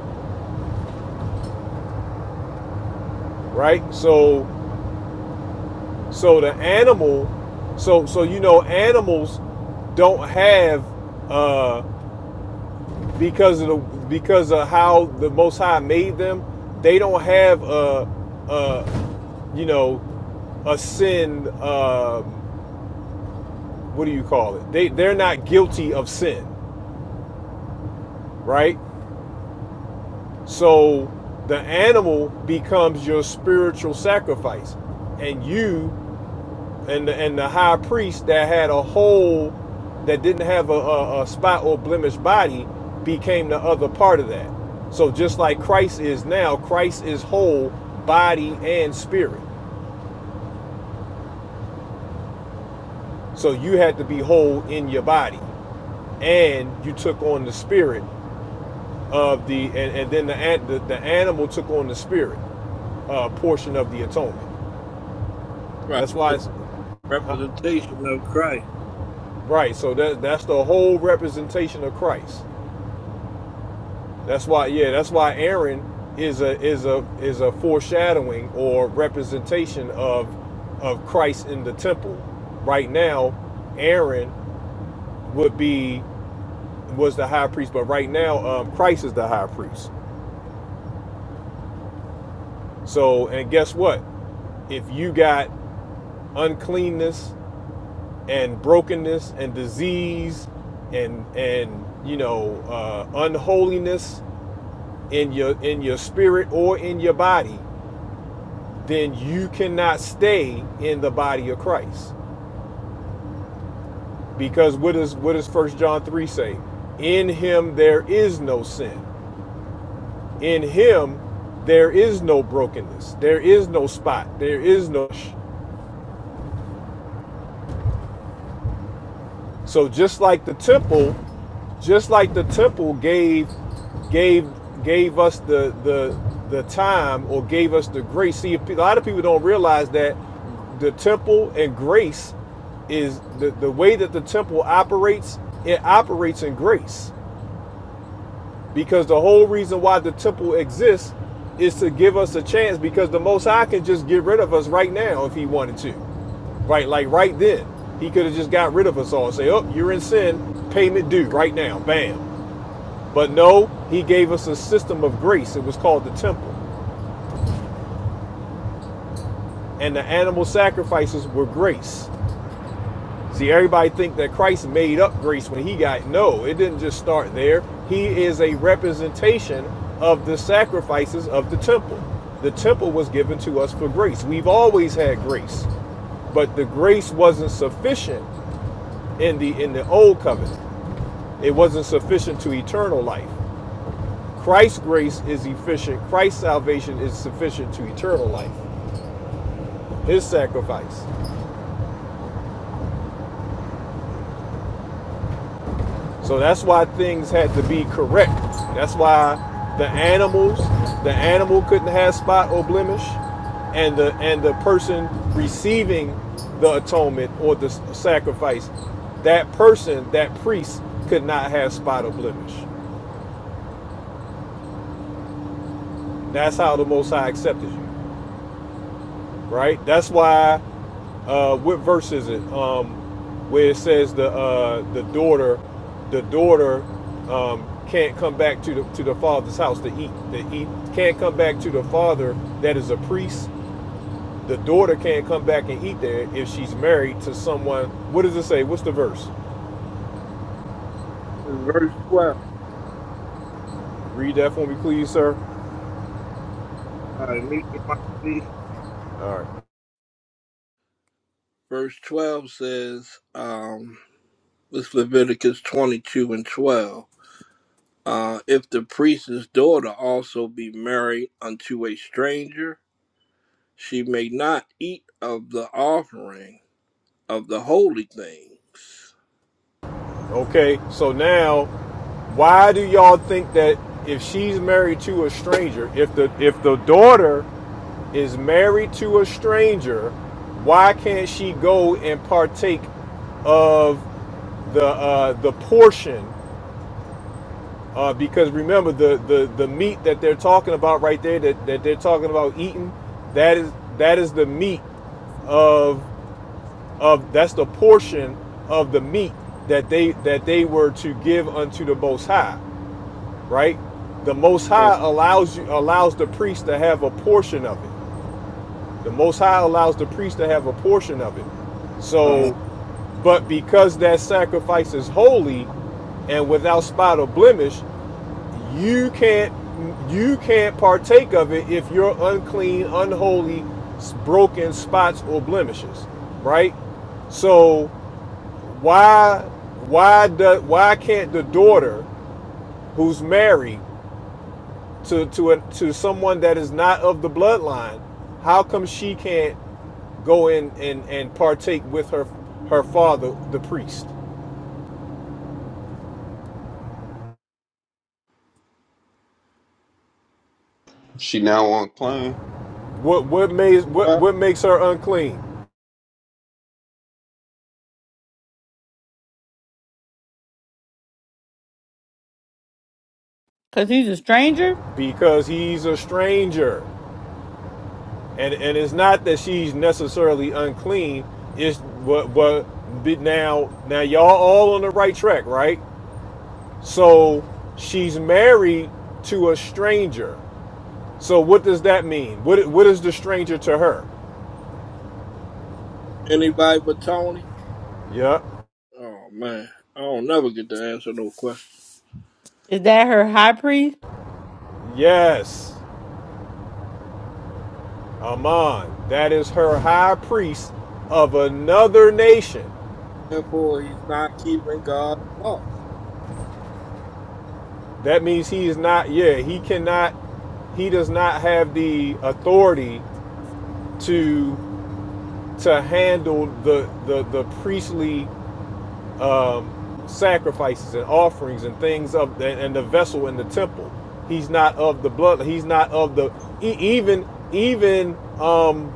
Speaker 7: right so so the animal so so you know animals don't have uh, because of the because of how the Most High made them, they don't have a, a you know a sin. Um, what do you call it? They they're not guilty of sin, right? So the animal becomes your spiritual sacrifice, and you and the, and the high priest that had a whole that didn't have a, a, a spot or blemish body became the other part of that so just like christ is now christ is whole body and spirit so you had to be whole in your body and you took on the spirit of the and, and then the, the the animal took on the spirit uh, portion of the atonement
Speaker 3: Christ,
Speaker 7: that's why
Speaker 3: which
Speaker 7: it's
Speaker 3: is
Speaker 7: huh?
Speaker 3: representation of Christ.
Speaker 7: right so that that's the whole representation of christ That's why, yeah, that's why Aaron is a is a is a foreshadowing or representation of of Christ in the temple. Right now, Aaron would be was the high priest, but right now, um, Christ is the high priest. So, and guess what? If you got uncleanness and brokenness and disease and and you know uh, unholiness in your in your spirit or in your body, then you cannot stay in the body of Christ. Because what does what does First John 3 say? In him there is no sin. In him there is no brokenness. There is no spot. There is no So just like the temple, just like the temple gave gave gave us the the the time or gave us the grace. See, a lot of people don't realize that the temple and grace is the, the way that the temple operates, it operates in grace. Because the whole reason why the temple exists is to give us a chance because the most high can just get rid of us right now if he wanted to. Right, like right then, he could have just got rid of us all. and Say, oh, you're in sin, payment due right now, bam. But no, he gave us a system of grace. It was called the temple, and the animal sacrifices were grace. See, everybody think that Christ made up grace when he got no. It didn't just start there. He is a representation of the sacrifices of the temple. The temple was given to us for grace. We've always had grace, but the grace wasn't sufficient in the in the old covenant. it wasn't sufficient to eternal life. Christ's grace is efficient. Christ's salvation is sufficient to eternal life. His sacrifice. So that's why things had to be correct. That's why the animals, the animal couldn't have spot or blemish, and the and the person receiving the atonement or the sacrifice, that person, that priest, could not have spot or blemish. That's how the Most High accepted you. right? That's why. Uh, what verse is it? Um, where it says the uh, the daughter, the daughter um, can't come back to the to the father's house to eat. To eat can't come back to the father that is a priest. The daughter can't come back and eat there if she's married to someone. What does it say? What's the verse?
Speaker 3: In verse 12,
Speaker 7: Read that for me, please, sir.
Speaker 3: all right, meet the mic, please.
Speaker 7: All right.
Speaker 3: Verse 12 says, um, this Leviticus 22 and 12. Uh, if the priest's daughter also be married unto a stranger, she may not eat of the offering of the holy things.
Speaker 7: Okay. So now why do y'all think that if she's married to a stranger, if the if the daughter is married to a stranger, why can't she go and partake of the uh, the portion? Uh, because remember the, the the meat that they're talking about right there that, that they're talking about eating, that is that is the meat of of that's the portion of the meat that they that they were to give unto the most high right the most
Speaker 3: Uh,
Speaker 7: high allows you allows the priest to have a portion of it The Most High allows the priest to have a portion of it.
Speaker 3: uh
Speaker 7: So, but because that sacrifice is holy and without spot or blemish, you can't you can't partake of it if you're unclean, unholy, broken spots or blemishes, right? So why why do, why can't the daughter who's married to to a, to someone that is not of the bloodline, how come she can't go in and, and partake with her her father, the priest.
Speaker 11: She now on claim.
Speaker 7: What what makes what,
Speaker 3: What?
Speaker 7: what makes her unclean?
Speaker 4: Because he's a stranger?
Speaker 7: Because he's a stranger. And and it's not that she's necessarily unclean. It's what what now now y'all all on the right track, right? So she's married to a stranger. So what does that mean? What what is the stranger to her?
Speaker 3: Anybody but Tony?
Speaker 7: Yeah.
Speaker 3: Oh, man. I don't never get to answer no question.
Speaker 4: Is that her high priest?
Speaker 7: Yes. Amon, that is her high priest of another nation.
Speaker 3: Therefore, he's not keeping God's law.
Speaker 7: That means he is not, yeah, he cannot, he does not have the authority to to handle the the, the priestly um, sacrifices and offerings and things of and, the vessel in the temple. He's not of the blood. He's not of the e- even even um,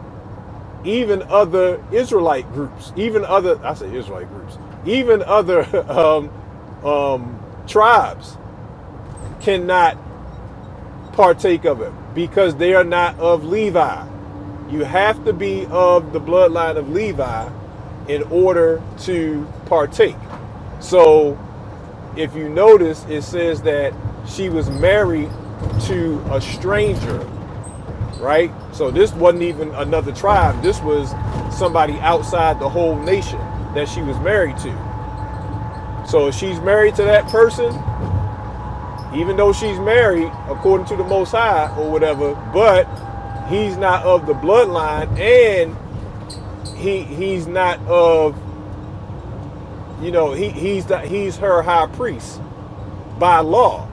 Speaker 7: even other Israelite groups, even other I say Israelite groups, even other um, um, tribes cannot partake of it because they are not of Levi. You have to be of the bloodline of Levi in order to partake. So if you notice, it says that she was married to a stranger right? So this wasn't even another tribe. This was somebody outside the whole nation that she was married to. So if she's married to that person, even though she's married according to the Most High or whatever, but he's not of the bloodline and he he's not of you know he he's the, he's her high priest by law.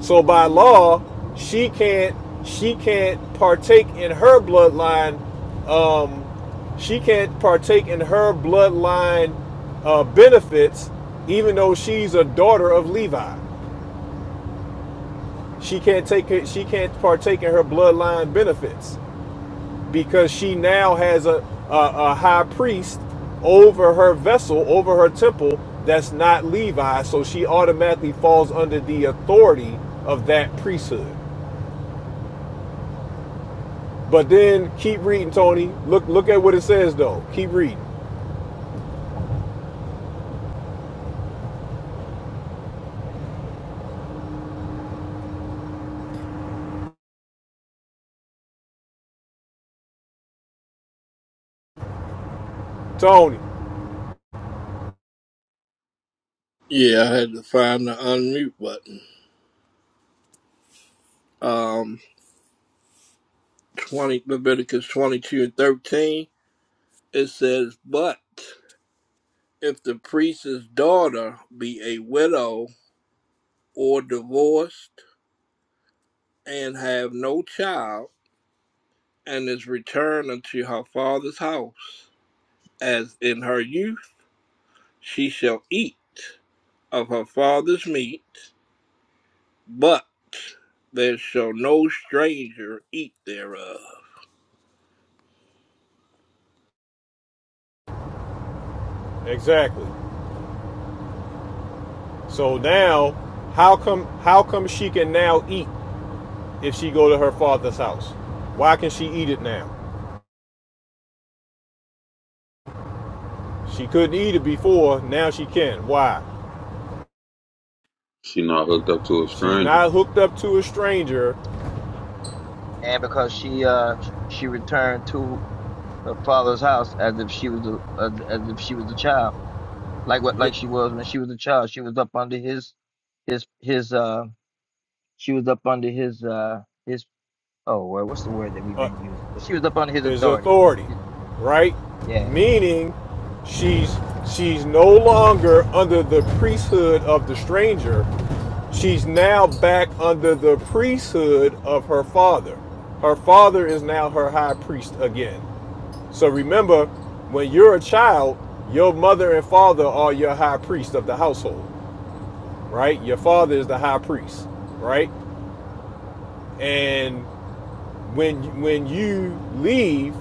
Speaker 7: So by law, she can't she can't partake in her bloodline um, she can't partake in her bloodline uh, benefits, even though she's a daughter of Levi. She can't take it, she can't partake in her bloodline benefits because she now has a, a, a high priest over her vessel, over her temple that's not Levi, so she automatically falls under the authority of that priesthood. But then keep reading, Tony. Look look at what it says though. Keep reading. Tony.
Speaker 3: Yeah, I had to find the unmute button. Um, 20, Leviticus 22 and 13, it says, But if the priest's daughter be a widow or divorced and have no child, and is returned unto her father's house, as in her youth, she shall eat of her father's meat, but there shall no stranger eat thereof.
Speaker 7: Exactly. So now, how come how come she can now eat if she go to her father's house? Why can she eat it now? She couldn't eat it before. Now she can. Why?
Speaker 11: She not hooked up to a
Speaker 7: She's
Speaker 11: stranger.
Speaker 7: not hooked up to a stranger.
Speaker 2: And because she uh she returned to her father's house as if she was a as, as if she was a child, like what like she was when she was a child. She was up under his his his uh she was up under his uh his oh well, what's the word that we've
Speaker 7: uh,
Speaker 2: been using? But she was up under his
Speaker 7: His
Speaker 2: authority.
Speaker 7: authority,
Speaker 2: His,
Speaker 7: right?
Speaker 2: yeah.
Speaker 7: Meaning, she's she's no longer under the priesthood of the stranger. She's now back under the priesthood of her father. Her father is now her high priest again. So remember, when you're a child, your mother and father are your high priest of the household, right? Your father is the high priest, right? And when when you leave,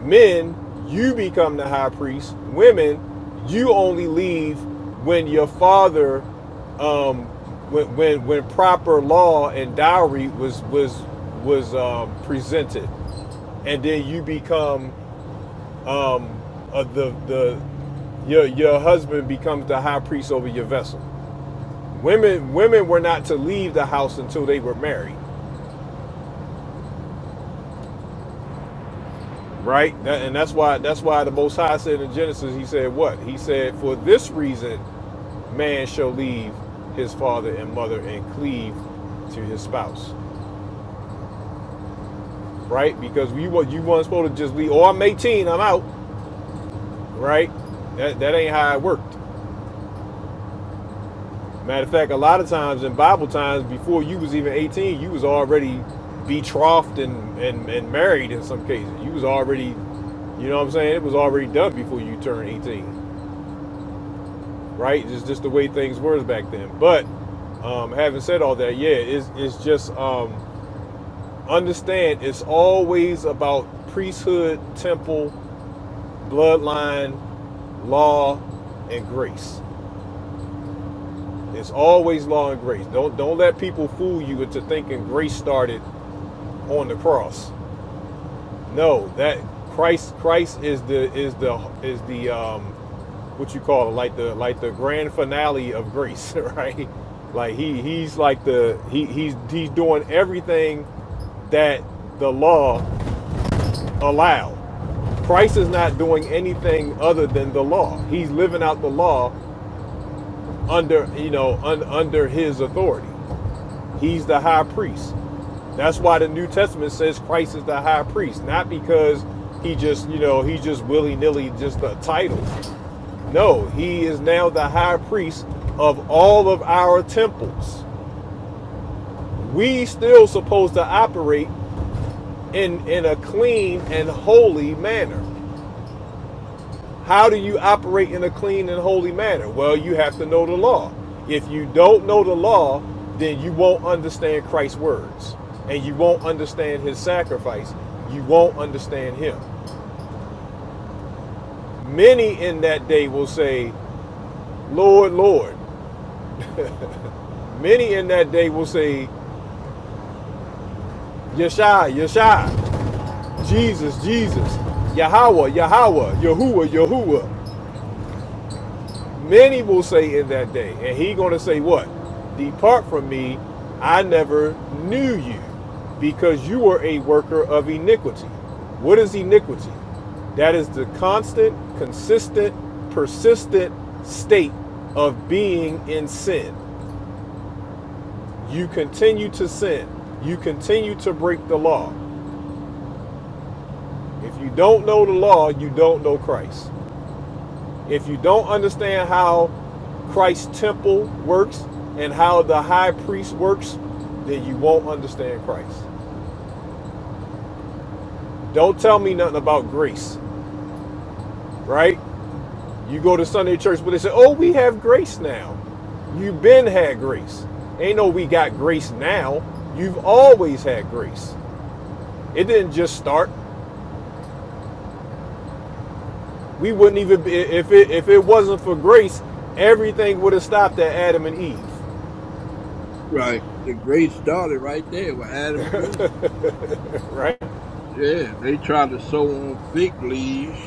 Speaker 7: men, you become the high priest. Women, you only leave when your father, um, when when, when proper law and dowry was was was um, presented, and then you become um, uh, the the your your husband becomes the high priest over your vessel. Women women were not to leave the house until they were married, right? That, and that's why that's why the Most High said in Genesis, He said what? He said, "For this reason, man shall leave his father and mother and cleave to his spouse," right? Because you wa- you weren't supposed to just leave. Oh, I'm 18, I'm out, right? That that ain't how it worked. Matter of fact, a lot of times in Bible times, before you was even 18, you was already betrothed and, and, and married in some cases. You was already, you know what I'm saying? It was already done before you turned 18, right? It's just the way things were back then. But um, having said all that, yeah, it's, it's just um, understand it's always about priesthood, temple, bloodline, law and grace. It's always law and grace. Don't don't let people fool you into thinking grace started on the cross. No, that Christ Christ is the is the is the um what you call it, like the like the grand finale of grace, right? Like he he's like the he he's he's doing everything that the law allowed. Christ is not doing anything other than the law. He's living out the law under you know un, under his authority. He's the high priest. That's why the New Testament says Christ is the high priest, not because he just, you know, he just willy nilly just a title. No, he is now the high priest of all of our temples. We still supposed to operate in in a clean and holy manner. How do you operate in a clean and holy manner? Well, you have to know the law. If you don't know the law, then you won't understand Christ's words and you won't understand his sacrifice. You won't understand him. Many in that day will say, Lord, Lord. Many in that day will say, Yeshua, Yeshua, Jesus, Jesus, Yahweh, Yahweh, Yahuwah, Yahuwah. Many will say in that day, and he going to say what? Depart from me, I never knew you, because you were a worker of iniquity. What is iniquity? That is the constant, consistent, persistent state of being in sin. You continue to sin. You continue to break the law. If you don't know the law, you don't know Christ. If you don't understand how Christ's temple works and how the high priest works, then you won't understand Christ. Don't tell me nothing about grace, right? You go to Sunday church, but they say, oh, we have grace now. You've been had grace. Ain't no we got grace now. You've always had grace. It didn't just start. We wouldn't even be, if it if it wasn't for grace, everything would have stopped at Adam and Eve,
Speaker 3: Right. The grace started right there with Adam and Eve.
Speaker 7: right?
Speaker 3: Yeah, they tried to sew on fig leaves,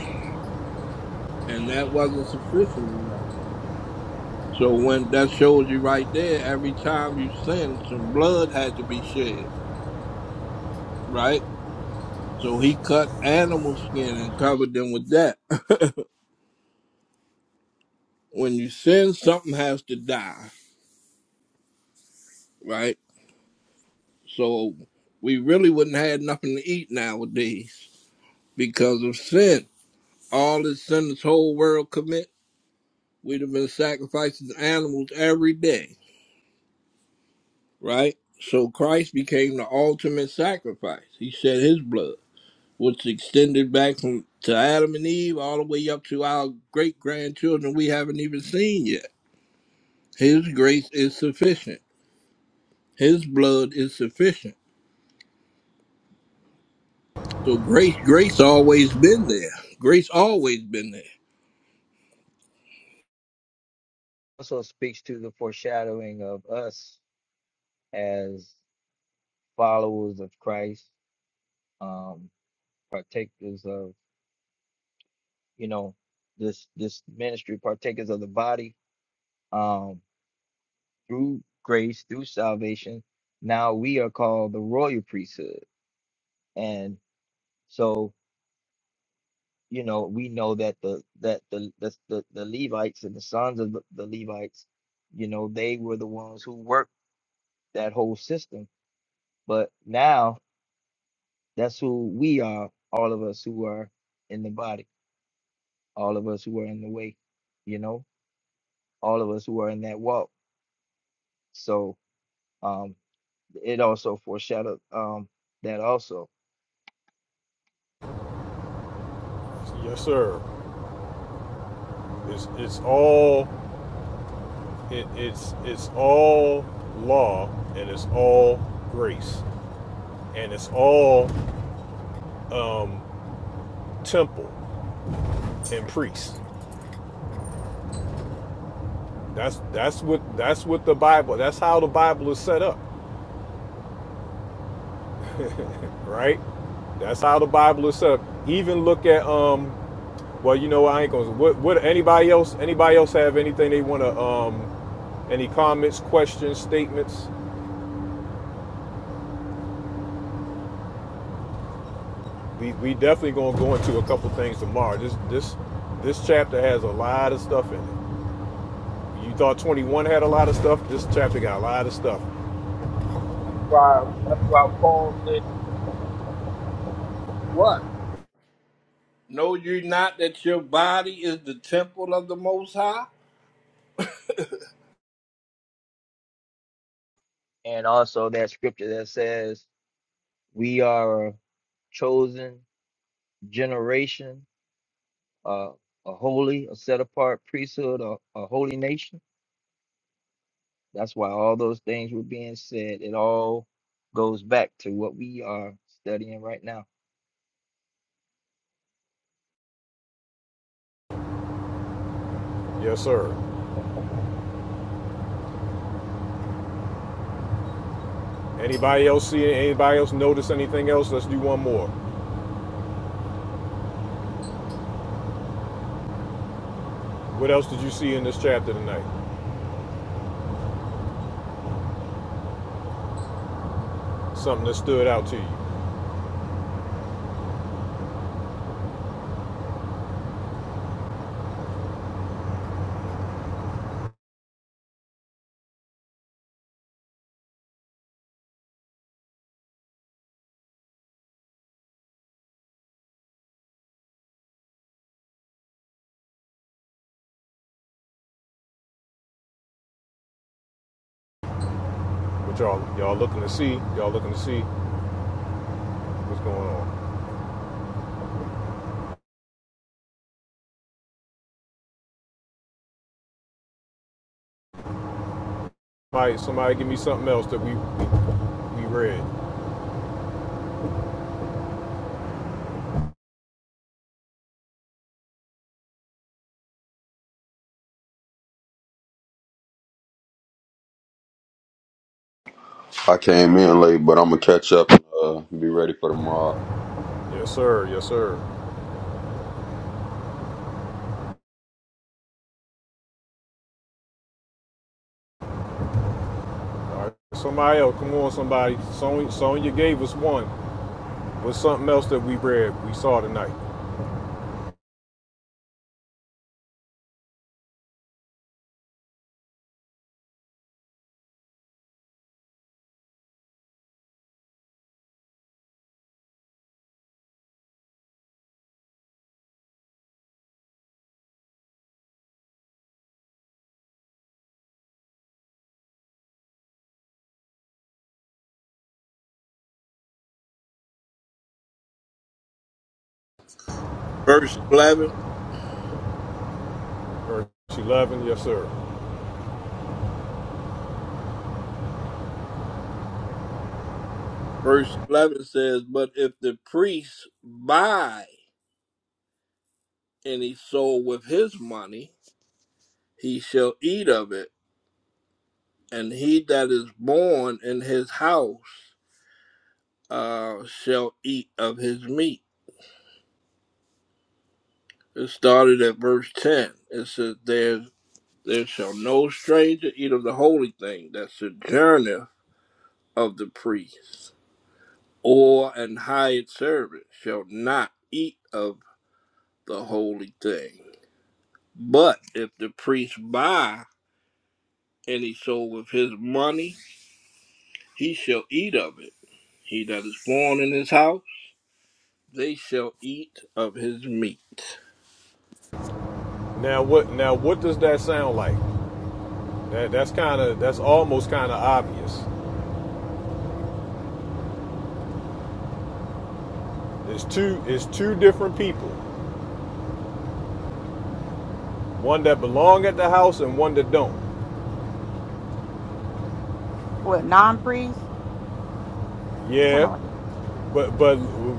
Speaker 3: and that wasn't sufficient enough. So when that shows you right there, every time you sin, some blood had to be shed, right? So he cut animal skin and covered them with that. when you sin, something has to die, right? So we really wouldn't have nothing to eat nowadays because of sin. All the sin this whole world commits. We'd have been sacrificing animals every day, right? So Christ became the ultimate sacrifice. He shed his blood, which extended back from to Adam and Eve all the way up to our great grandchildren we haven't even seen yet. His grace is sufficient. His blood is sufficient. So grace grace always been there. Grace always been there.
Speaker 2: Also speaks to the foreshadowing of us as. followers of Christ, um, partakers of, you know, this this ministry, partakers of the body, um, through grace, through salvation. Now we are called the royal priesthood. And so, you know, we know that the that the the, the, the Levites and the sons of the, the Levites, you know, they were the ones who worked that whole system. But now that's who we are, all of us who are in the body. all of us who are in the way, you know, all of us who are in that walk. So um, it also foreshadowed um, that also.
Speaker 7: Yes, sir. It's it's all It, it's it's all law and it's all grace and it's all um, temple and priest. That's that's what that's what the Bible. That's how the Bible is set up, right? That's how the Bible is set up. Even look at um. Well, you know I ain't gonna. What what anybody else? Anybody else have anything they want to um? Any comments, questions, statements? We we definitely gonna go into a couple things tomorrow. This this this chapter has a lot of stuff in it. You thought 21 had a lot of stuff? This chapter got a lot of stuff.
Speaker 3: Why that's why Paul said what? Know you not that your body is the temple of the most high?
Speaker 2: And also that scripture that says, we are a chosen generation, uh, a holy, a set apart priesthood, a, a holy nation. That's why all those things were being said. It all goes back to what we are studying right now.
Speaker 7: Yes, sir. Anybody else see anybody else notice anything else? Let's do one more. What else did you see in this chapter tonight? Something that stood out to you. What y'all y'all looking to see? Y'all looking to see what's going on? Somebody, somebody give me something else that we we, read.
Speaker 11: I came in late, but I'm gonna catch up and uh, be ready for tomorrow.
Speaker 7: Yes, sir. Yes, sir. All right. Somebody else, come on, somebody. Sonya, Sonya gave us one. What's something else that we read, we saw tonight?
Speaker 3: Verse 11
Speaker 7: Verse 11, yes, sir.
Speaker 3: Verse 11 says, But if the priest buy any soul with his money, he shall eat of it, and he that is born in his house uh, shall eat of his meat. It started at verse 10. It says, There, there shall no stranger eat of the holy thing that sojourneth of the priest, or an hired servant shall not eat of the holy thing. But if the priest buy any soul with his money, he shall eat of it. He that is born in his house, they shall eat of his meat.
Speaker 7: Now what? Now what does that sound like? That, that's kind of that's almost kind of obvious. It's two it's two different people, one that belong at the house and one that don't.
Speaker 4: What non priest? You talking
Speaker 7: Yeah,
Speaker 4: about like
Speaker 7: but but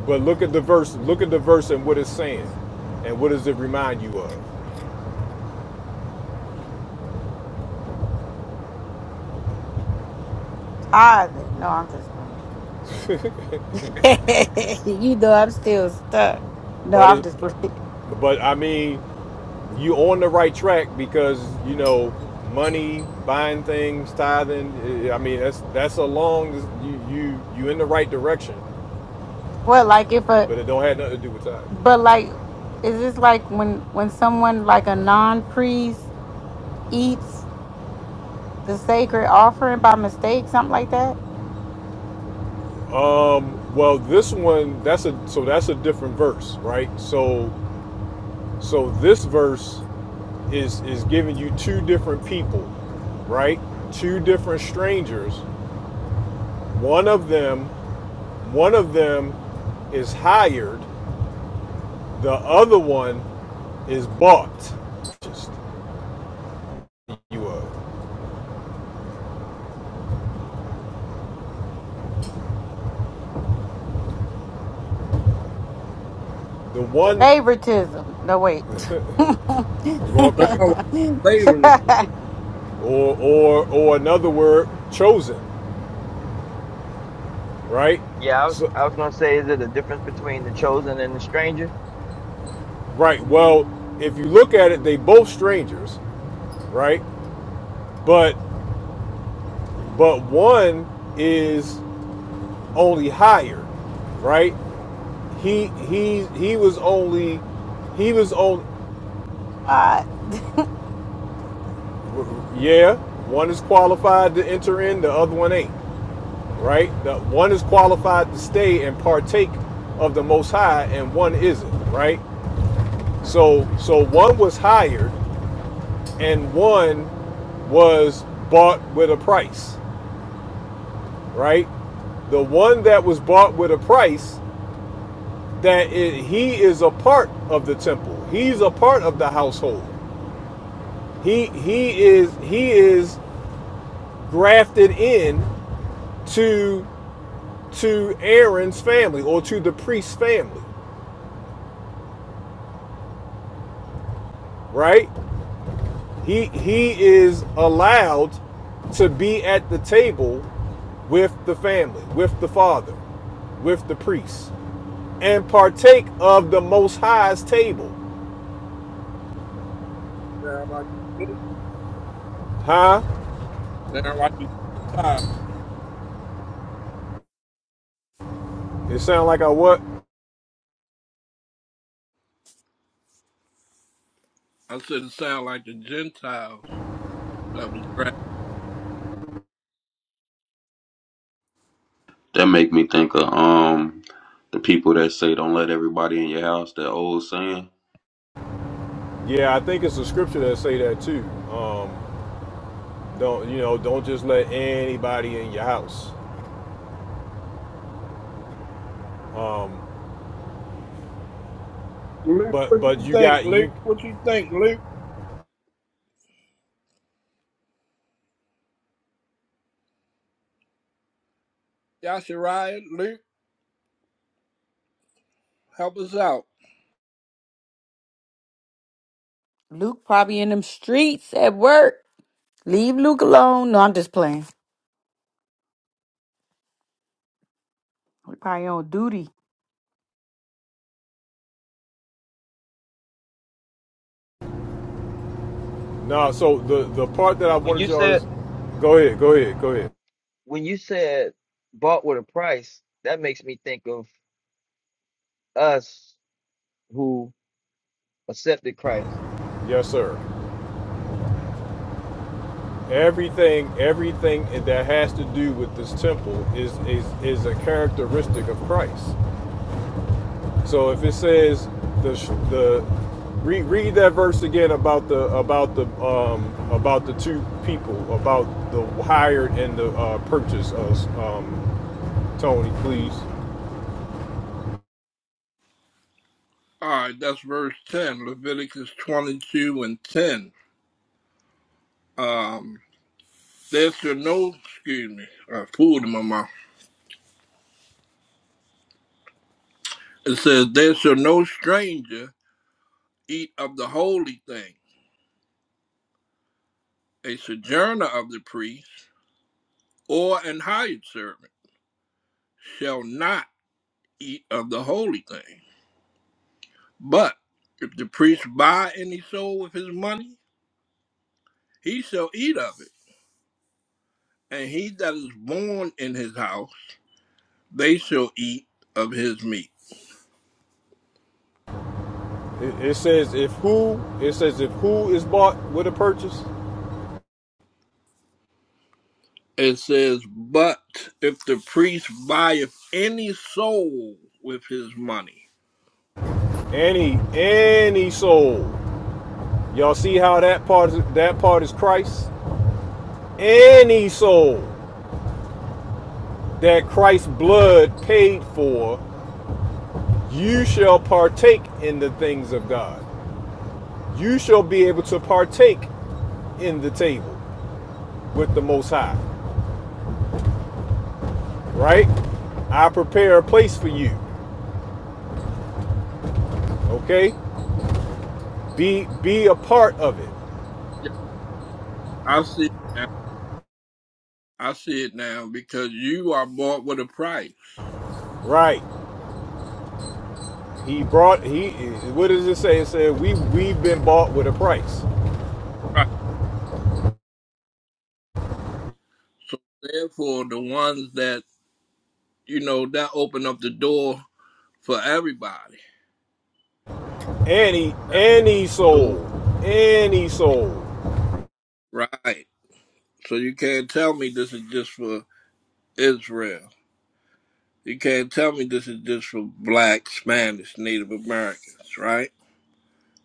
Speaker 7: but look at the verse. Look at the verse and what it's saying, and what does it remind you of?
Speaker 4: tithing? No, I'm just playing. you know I'm still stuck. No,
Speaker 7: But
Speaker 4: I'm
Speaker 7: it,
Speaker 4: just
Speaker 7: but I mean, you on the right track because you know money, buying things, tithing. eh, I mean that's that's a long you you you in the right direction,
Speaker 4: well, like if a
Speaker 7: but it don't have nothing to do with tithing.
Speaker 4: but like is this like when when someone like a non priest eats the sacred offering by mistake, something like that?
Speaker 7: Um, well, this one that's a so that's a different verse, right? So so this verse is is giving you two different people, right? Two different strangers. One of them, one of them is hired. The other one is bought. Just you of the one,
Speaker 4: Favoritism. No wait.
Speaker 3: Sound
Speaker 7: okay,
Speaker 3: like slavery.
Speaker 7: or or or another word chosen, right?
Speaker 2: Yeah, I was
Speaker 7: So
Speaker 2: I was gonna say, is it a difference between the chosen and the stranger?
Speaker 7: Right. Well, if you look at it, they both strangers, right? But but one is only higher, right? He he he was only he was only
Speaker 4: Uh,
Speaker 7: yeah. One is qualified to enter in, the other one ain't, right? The one is qualified to stay and partake of the Most High, and one isn't, right? So so one was hired, and one was bought with a price right? The one that was bought with a price, that i- he is a part of the temple. He's a part of the household. He he is he is grafted in to to Aaron's family or to the priest's family, right? He he is allowed to be at the table with the family, with the father, with the priest, and partake of the Most High's table.
Speaker 3: Sound like the
Speaker 7: Huh?
Speaker 3: Gentiles. Sound like the Gentiles.
Speaker 7: It sound like I what?
Speaker 3: I said it sound like the Gentiles. That was great.
Speaker 11: That make me think of um the people that say don't let everybody in your house. That old saying.
Speaker 7: Yeah, I think it's a scripture that say that too. Um, don't you know? Don't just let anybody in your house. Um,
Speaker 3: Luke,
Speaker 7: but
Speaker 3: what
Speaker 7: but
Speaker 3: you
Speaker 7: you
Speaker 3: think,
Speaker 7: got
Speaker 3: Luke?
Speaker 7: you.
Speaker 3: What you think, Luke? Yashariah, Luke, help us out.
Speaker 4: Luke probably in them streets at work. Leave Luke alone. No, I'm just playing. He probably on duty.
Speaker 7: Nah, so the the part that I
Speaker 2: When
Speaker 7: wanted
Speaker 2: you
Speaker 7: y'all to
Speaker 2: said
Speaker 7: go ahead, go ahead, go ahead.
Speaker 2: when you said bought with a price, that makes me think of us who accepted Christ.
Speaker 7: Yes, sir. Everything everything that has to do with this temple is is is a characteristic of Christ. So if it says the the read read that verse again about the about the um about the two people about the hired and the uh, purchase of um Tony please.
Speaker 3: All right, that's verse 10, Leviticus 22 and 10. Um, there shall no, excuse me, I fooled him on my It says, There shall no stranger eat of the holy thing. A sojourner of the priest or an hired servant shall not eat of the holy thing. But if the priest buy any soul with his money, he shall eat of it. And he that is born in his house, they shall eat of his meat.
Speaker 7: It, it says if who it says if who is bought with a purchase
Speaker 3: It says, But if the priest buyeth any soul with his money,
Speaker 7: any any soul. Y'all see how that part is, that part is Christ any soul that Christ's blood paid for, you shall partake in the things of God. you shall be able to partake in the table with the most high right i prepare a place for you okay be be a part of it
Speaker 3: Yeah, I see. I see it now because you are bought with a price.
Speaker 7: right he brought he what does it say it said we we've been bought with a price
Speaker 3: Right. So therefore, the ones that you know that open up the door for everybody.
Speaker 7: any
Speaker 3: That open
Speaker 7: any
Speaker 3: up the
Speaker 7: soul
Speaker 3: door.
Speaker 7: any soul
Speaker 3: Right. So you can't tell me this is just for Israel. You can't tell me this is just for Black, Spanish, Native Americans. Right.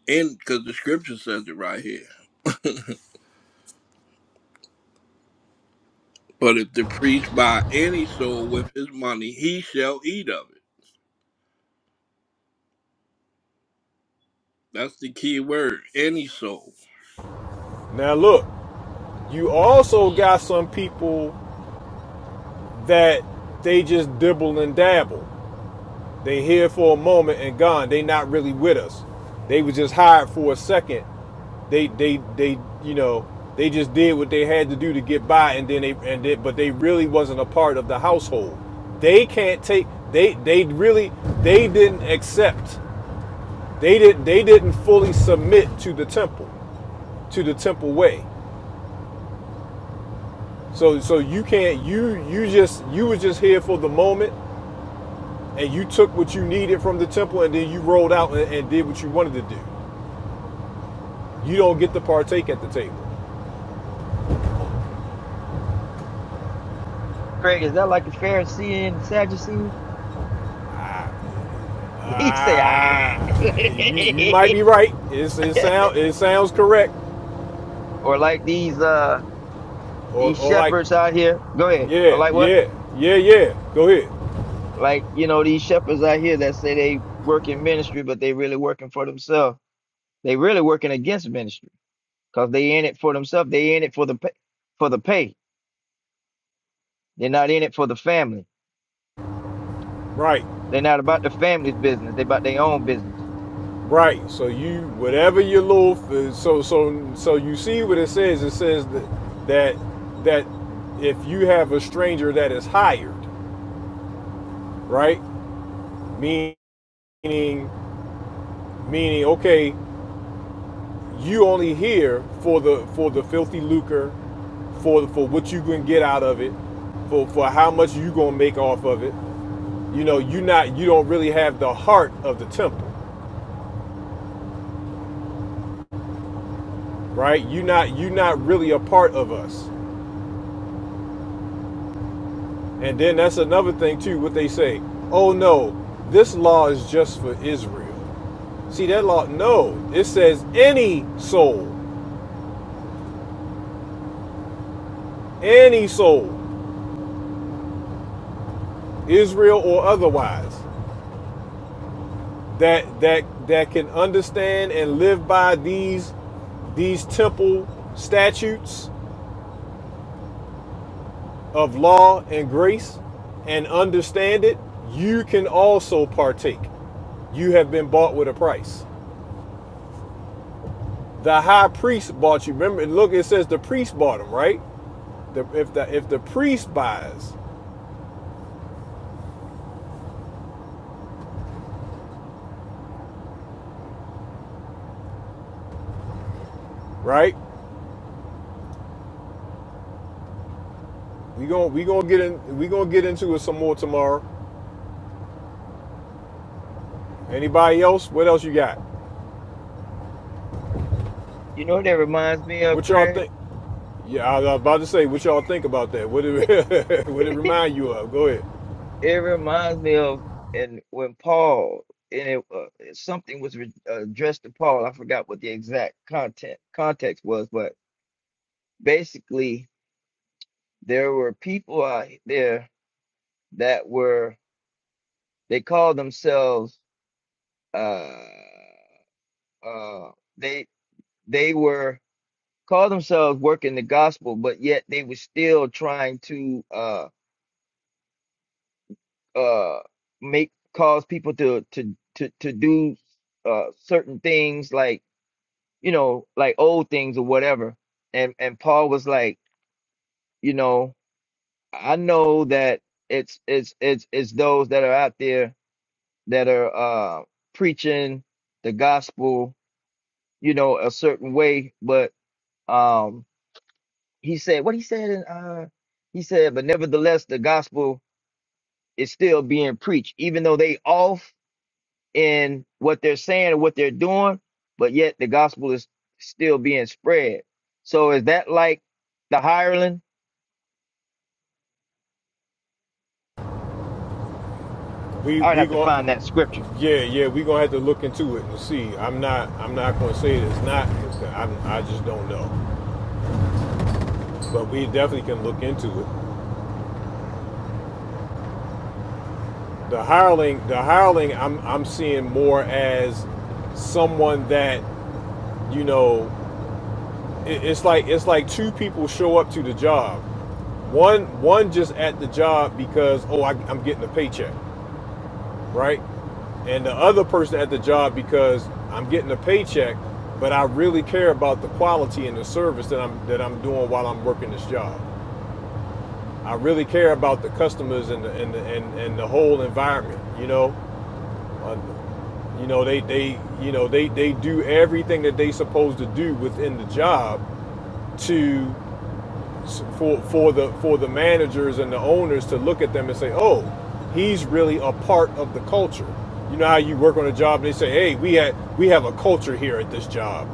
Speaker 3: And because the scripture says it right here. But if the priest buy any soul with his money, he shall eat of it. That's the key word. Any soul.
Speaker 7: now look you also got some people that they just dibble and dabble They here for a moment and gone. They not really with us. They was just hired for a second. They they they you know they just did what they had to do to get by, and then they and they, but they really wasn't a part of the household. They can't take they they really they didn't accept. They didn't they didn't fully submit to the temple to the temple way. So so you can't you you just you was just here for the moment and you took what you needed from the temple and then you rolled out and, and did what you wanted to do. you don't get to partake at the table.
Speaker 2: Craig, is that like a Pharisee and Sadducee? He say, ah,
Speaker 7: Ah, you you might be right. It's, it sound it sounds correct,
Speaker 2: or like these uh
Speaker 7: or
Speaker 2: these
Speaker 7: or like
Speaker 2: shepherds out here. Go ahead. Or
Speaker 7: yeah
Speaker 2: like what?
Speaker 7: yeah yeah yeah. Go ahead.
Speaker 2: Like you know these shepherds out here that say they work in ministry, but they really working for themselves. They really working against ministry because they in it for themselves. They in it for the pay, for the pay. They're not in it for the family.
Speaker 7: Right
Speaker 2: They're not about the family's business. They about their own business.
Speaker 7: right. So you whatever your little so so so you see what it says. It says that that that if you have a stranger that is hired, right? Meaning meaning okay, you only here for the for the filthy lucre for for what you gonna get out of it, for for how much you gonna make off of it. You know, you not you don't really have the heart of the temple, right? You not you not really a part of us. And then that's another thing too. What they say, oh no, this law is just for Israel. See that law? No, it says any soul, any soul, Israel or otherwise, that that that can understand and live by these these temple statutes of law and grace and understand it, you can also partake. You have been bought with a price. The high priest bought you. Remember, look, it says the priest bought him, right? The, if the if the priest buys, right? We gonna we gonna get in we gonna get into it some more tomorrow. Anybody else? What else you got?
Speaker 2: You know what that reminds me of,
Speaker 7: What y'all
Speaker 2: Craig?
Speaker 7: think? Yeah, I was about to say what y'all think about that. What it what it remind you of? Go ahead.
Speaker 2: It reminds me of and when Paul and it, uh, something was re- uh, addressed to Paul. I forgot what the exact content context was, but basically there were people out there that were they called themselves uh uh they they were called themselves working the gospel, but yet they were still trying to uh uh make cause people to to to to do uh certain things like you know like old things or whatever and and Paul was like you know I know that it's it's it's it's those that are out there that are uh preaching the gospel you know a certain way but um he said what he said in uh he said but nevertheless the gospel is still being preached even though they off in what they're saying and what they're doing, but yet the gospel is still being spread. So is that like the hireling?
Speaker 7: We
Speaker 2: I would
Speaker 7: we
Speaker 2: have to
Speaker 7: going
Speaker 2: find that scripture.
Speaker 7: Yeah, yeah, we gonna have to look into it and see. I'm not, I'm not gonna say it's not. I, I just don't know. But we definitely can look into it. The hireling, the hireling, I'm, I'm seeing more as someone that, you know, it, it's like, it's like two people show up to the job. One, one just at the job because, oh, I, I'm getting a paycheck. right? And the other person at the job because I'm getting a paycheck, but I really care about the quality and the service that I'm that I'm doing while I'm working this job. I really care about the customers and the, and the, and, and the whole environment, you know. Uh, you know they they you know they they do everything that they supposed to do within the job to for for the for the managers and the owners to look at them and say, "Oh, he's really a part of the culture." You know how you work on a job and they say, "Hey, we had we have a culture here at this job."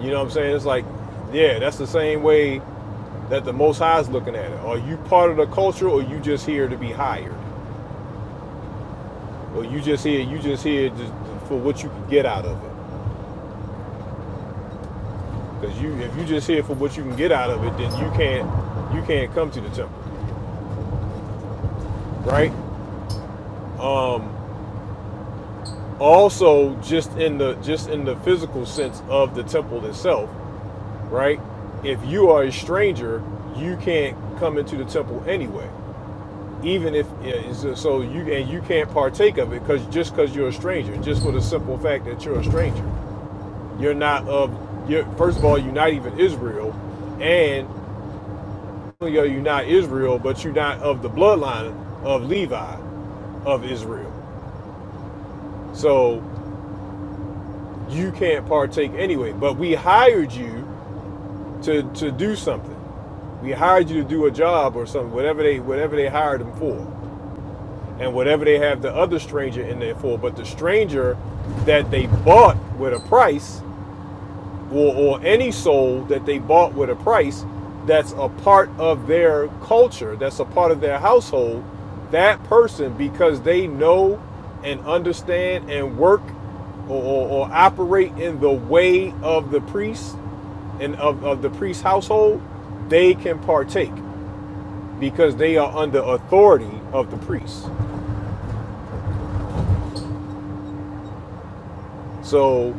Speaker 7: You know what I'm saying? It's like, yeah, that's the same way that the Most High is looking at it. Are you part of the culture, or you just here to be hired, or you just here you just here just for what you can get out of it? Because you if you just here for what you can get out of it, then you can't you can't come to the temple, right? Um, also just in the just in the physical sense of the temple itself right if you are a stranger you can't come into the temple anyway even if yeah, so you and you can't partake of it because just because you're a stranger just for the simple fact that you're a stranger you're not of you're first of all you're not even israel and not only are not israel but you're not of the bloodline of levi of israel so you can't partake anyway but we hired you to, to do something. We hired you to do a job or something, whatever they whatever they hired them for, and whatever they have the other stranger in there for. But the stranger that they bought with a price, or or any soul that they bought with a price, that's a part of their culture, that's a part of their household. That person, because they know and understand and work or, or, or operate in the way of the priest and of, of the priest's household, they can partake because they are under authority of the priest. So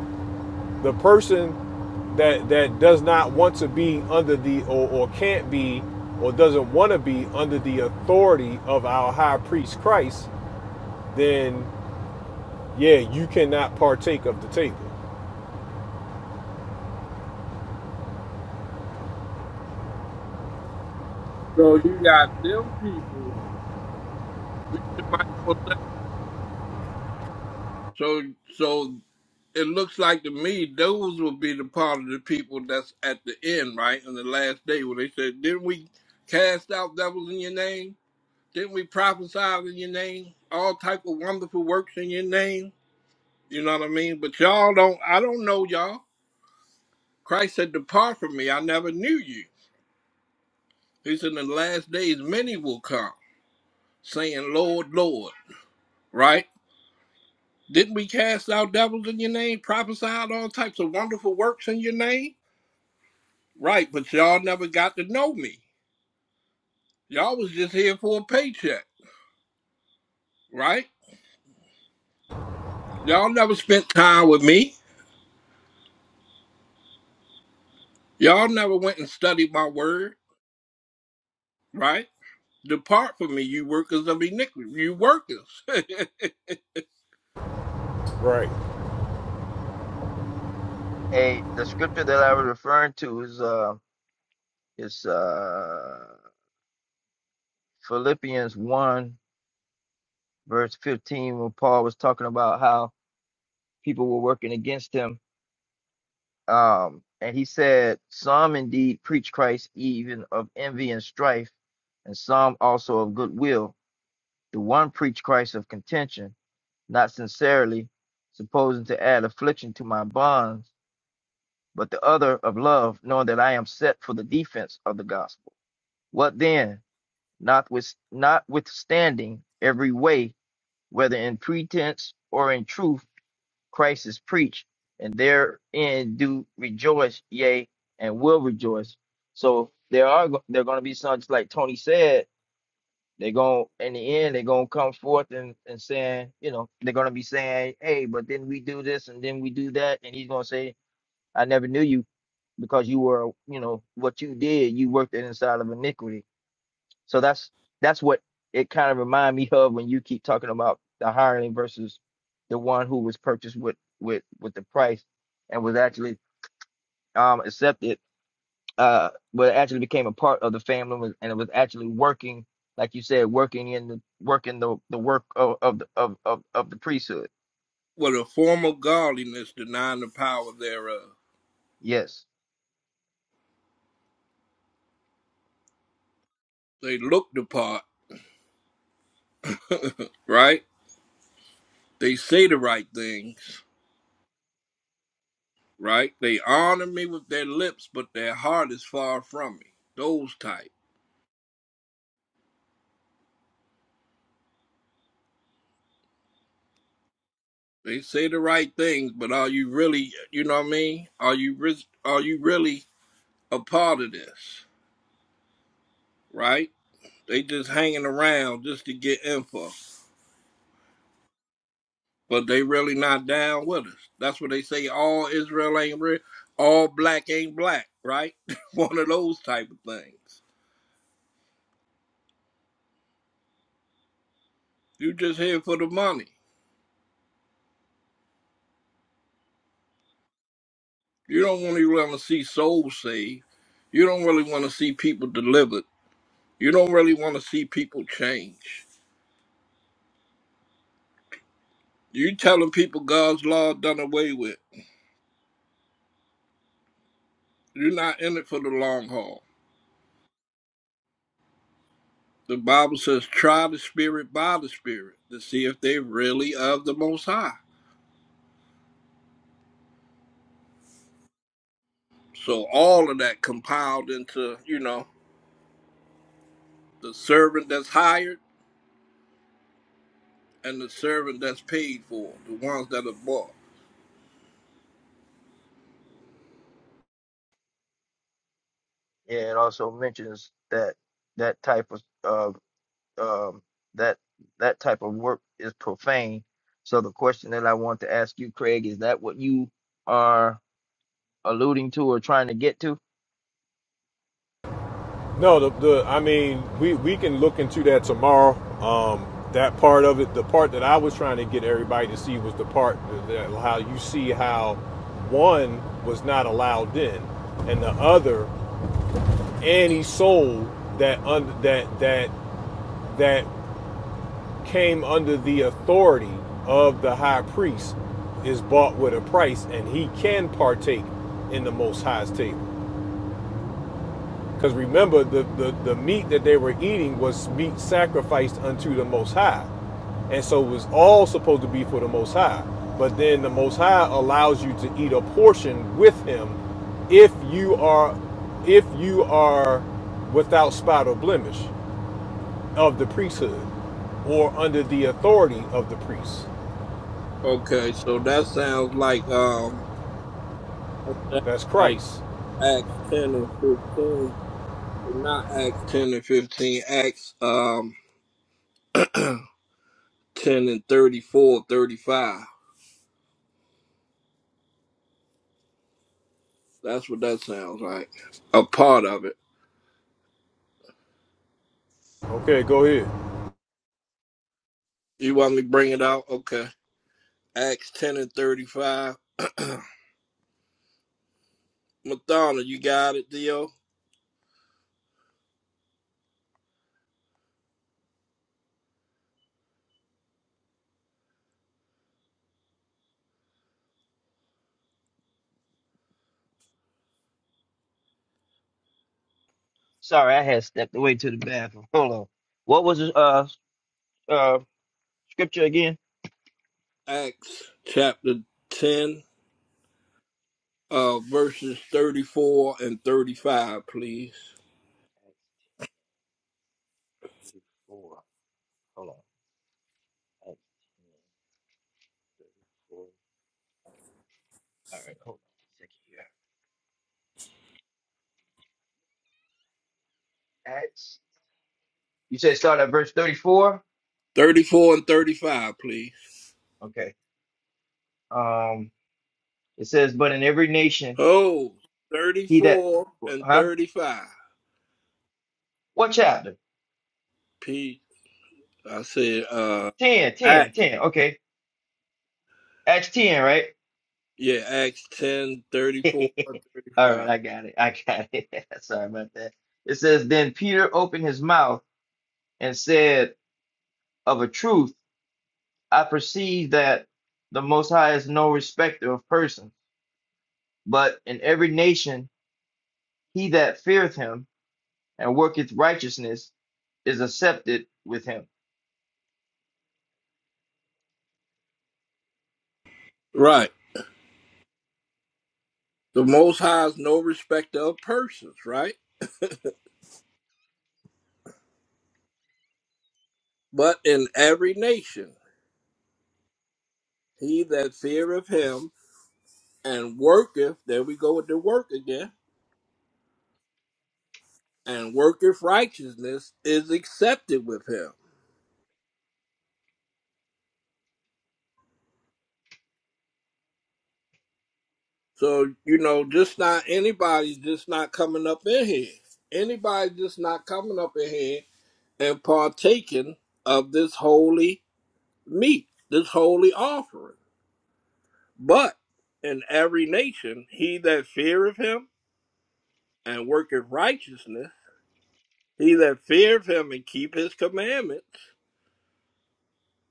Speaker 7: the person that that does not want to be under the or, or can't be or doesn't want to be under the authority of our high priest Christ, then yeah, you cannot partake of the table.
Speaker 3: So you got them people, Mr. Michael Sa- So so it looks like to me those will be the part of the people that's at the end, right? On the last day when they said, Didn't we cast out devils in your name? Didn't we prophesy in your name? All type of wonderful works in your name. You know what I mean? But y'all don't I don't know y'all. Christ said, Depart from me, I never knew you. He said in the last days many will come, saying, Lord, Lord, right? Didn't we cast out devils in your name, prophesied all types of wonderful works in your name? Right, but y'all never got to know me. Y'all was just here for a paycheck, right? Y'all never spent time with me. Y'all never went and studied my word, right? Depart from me, you workers of iniquity, you workers.
Speaker 7: Right.
Speaker 2: A the scripture that I was referring to is uh is uh Philippians one verse fifteen when Paul was talking about how people were working against him. Um and he said, Some indeed preach Christ even of envy and strife, and some also of goodwill. The one preach Christ of contention not sincerely, supposing to add affliction to my bonds, but the other of love, knowing that I am set for the defense of the gospel. What then? Not with, notwithstanding every way, whether in pretense or in truth, Christ is preached, and therein do rejoice, yea, and will rejoice. So there are there are going to be some, just like Tony said, they're going in the end, they're gonna come forth and, and saying, you know, they're gonna be saying, Hey, but then we do this and then we do that, and he's gonna say, I never knew you because you were, you know, what you did, you worked it inside of iniquity. So that's that's what it kind of remind me of when you keep talking about the hiring versus the one who was purchased with with with the price and was actually um accepted uh well it actually became a part of the family and it was actually working like you said working in the working the, the work of of, the, of of of the priesthood
Speaker 3: with a form of godliness, denying the power thereof.
Speaker 2: yes
Speaker 3: They look the part, right? They say the right things, right? They honor me with their lips, but their heart is far from me. Those type. They say the right things, but are you really, you know what I mean? Are you re- are you really a part of this, right? They just hanging around just to get info, but they really not down with us. That's what they say. All Israel ain't real. All black ain't black, right? One of those type of things. You just here for the money. You don't really want to see souls saved. You don't really want to see people delivered. You don't really want to see people change. You telling people God's law done away with. You're not in it for the long haul. The Bible says, try the spirit by the spirit to see if they really of the most high. So all of that compiled into, you know, the servant that's hired and the servant that's paid for, the ones that are bought.
Speaker 2: yeah it also mentions that that type of of um that that type of work is profane so the question that i want to ask you craig is that what you are alluding to or trying to get to
Speaker 7: No, the, the I mean, we, we can look into that tomorrow. Um, that part of it, the part that I was trying to get everybody to see was the part that how you see how one was not allowed in, and the other, and he sold that under that that that came under the authority of the high priest is bought with a price, and he can partake in the Most High's table. Because remember, the, the, the meat that they were eating was meat sacrificed unto the Most High. And so it was all supposed to be for the Most High. But then the Most High allows you to eat a portion with Him if you are if you are without spot or blemish of the priesthood or under the authority of the priest.
Speaker 3: Okay, so that sounds like um that sounds
Speaker 7: That's
Speaker 3: like
Speaker 7: Christ.
Speaker 3: Acts 10 and 15. Well, not Acts 10 and 15, Acts um, 10 and 34, 35. That's what that sounds like. A part of it.
Speaker 7: Okay, go ahead.
Speaker 3: You want me to bring it out? Okay. Acts 10 and 35. Madonna, you got it, Dio?
Speaker 2: sorry i had stepped away to the bathroom hold on what was the, uh uh scripture again
Speaker 3: Acts chapter 10, uh, verses 34 and 35, please.
Speaker 2: Hold on. Acts 10, thirty-four. All right, hold on a second here. Acts. You said start at verse 34?
Speaker 3: 34 and 35, please.
Speaker 2: Okay. Um, it says, But in every nation,
Speaker 3: Oh, thirty
Speaker 2: he that,
Speaker 3: four and
Speaker 2: huh?
Speaker 3: 35.
Speaker 2: What chapter?
Speaker 3: Peace. I said, uh,
Speaker 2: 10, 10,
Speaker 3: Act.
Speaker 2: 10. Okay. Acts 10, right?
Speaker 3: yeah, Acts 10 34 thirty
Speaker 2: All right,
Speaker 3: five.
Speaker 2: I got it. I got it. Sorry about that. It says, Then Peter opened his mouth and said, Of a truth, I perceive that the Most High is no respecter of persons, but in every nation, He that feareth him and worketh righteousness is accepted with him.
Speaker 3: Right. The Most High is no respecter of persons, right? But in every nation, he that feareth him and worketh, there we go with the work again, and worketh righteousness is accepted with him. So, you know, just not anybody's just not coming up in here. Anybody's just not coming up in here and partaking of this holy meat, this holy offering. But in every nation, he that feareth him and worketh righteousness, he that feareth him and keep his commandments,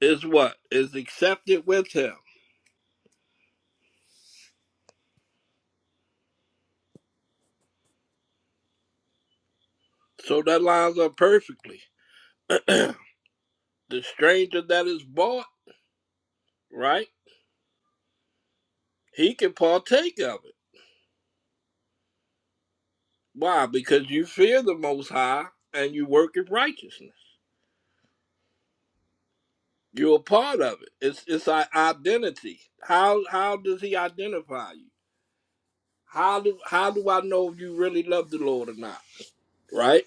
Speaker 3: is what? Is accepted with him. So that lines up perfectly. the stranger that is bought, right? He can partake of it. Why? Because you fear the Most High and you work in righteousness. You're a part of it. It's it's our identity. How how does he identify you? How do how do I know if you really love the Lord or not? Right?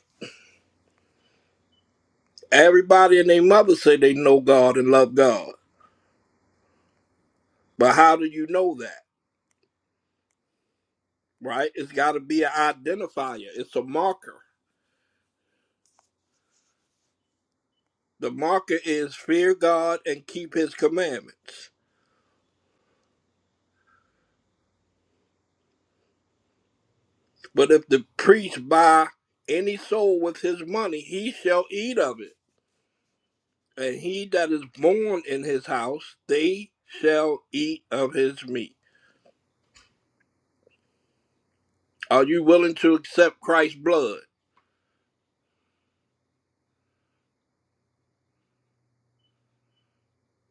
Speaker 3: Everybody and their mother say they know God and love God. But how do you know that? Right? It's gotta be an identifier. It's a marker. The marker is fear God and keep his commandments. But if the priest buy any soul with his money, he shall eat of it. And he that is born in his house, they shall eat of his meat. Are you willing to accept Christ's blood?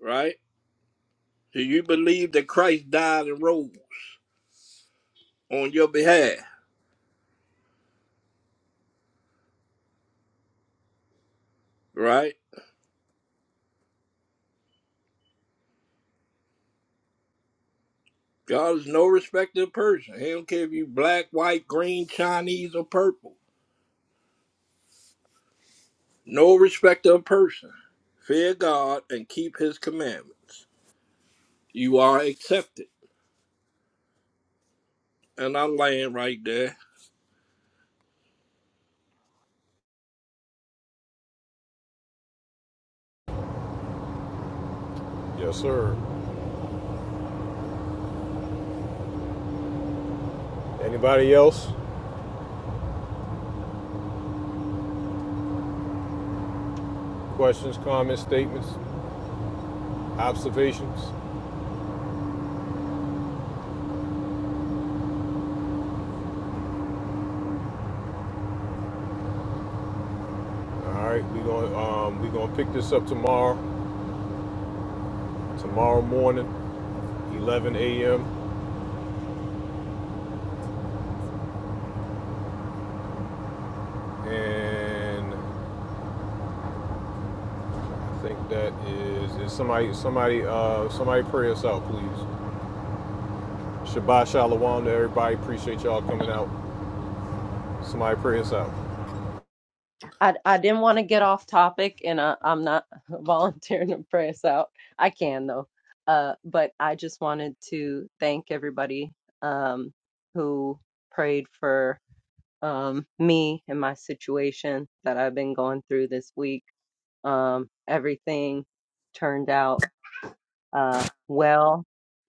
Speaker 3: Right? Do you believe that Christ died and rose on your behalf? Right? God is no respecter of person. He don't care if you black, white, green, Chinese, or purple. No respecter of person. Fear God and keep his commandments. You are accepted. And I land right there.
Speaker 7: Yes, sir. Anybody else? Questions, comments, statements, observations? All right, we're gonna um, we gonna pick this up tomorrow, tomorrow morning, 11 a.m. And I think that is is somebody somebody uh, somebody pray us out, please. Shabbat shalom to everybody. Appreciate y'all coming out. Somebody pray us out.
Speaker 12: I, I didn't want to get off topic and I, I'm not volunteering to pray us out. I can though. Uh, but I just wanted to thank everybody um, who prayed for um, me and my situation that I've been going through this week. Um, everything turned out uh, well.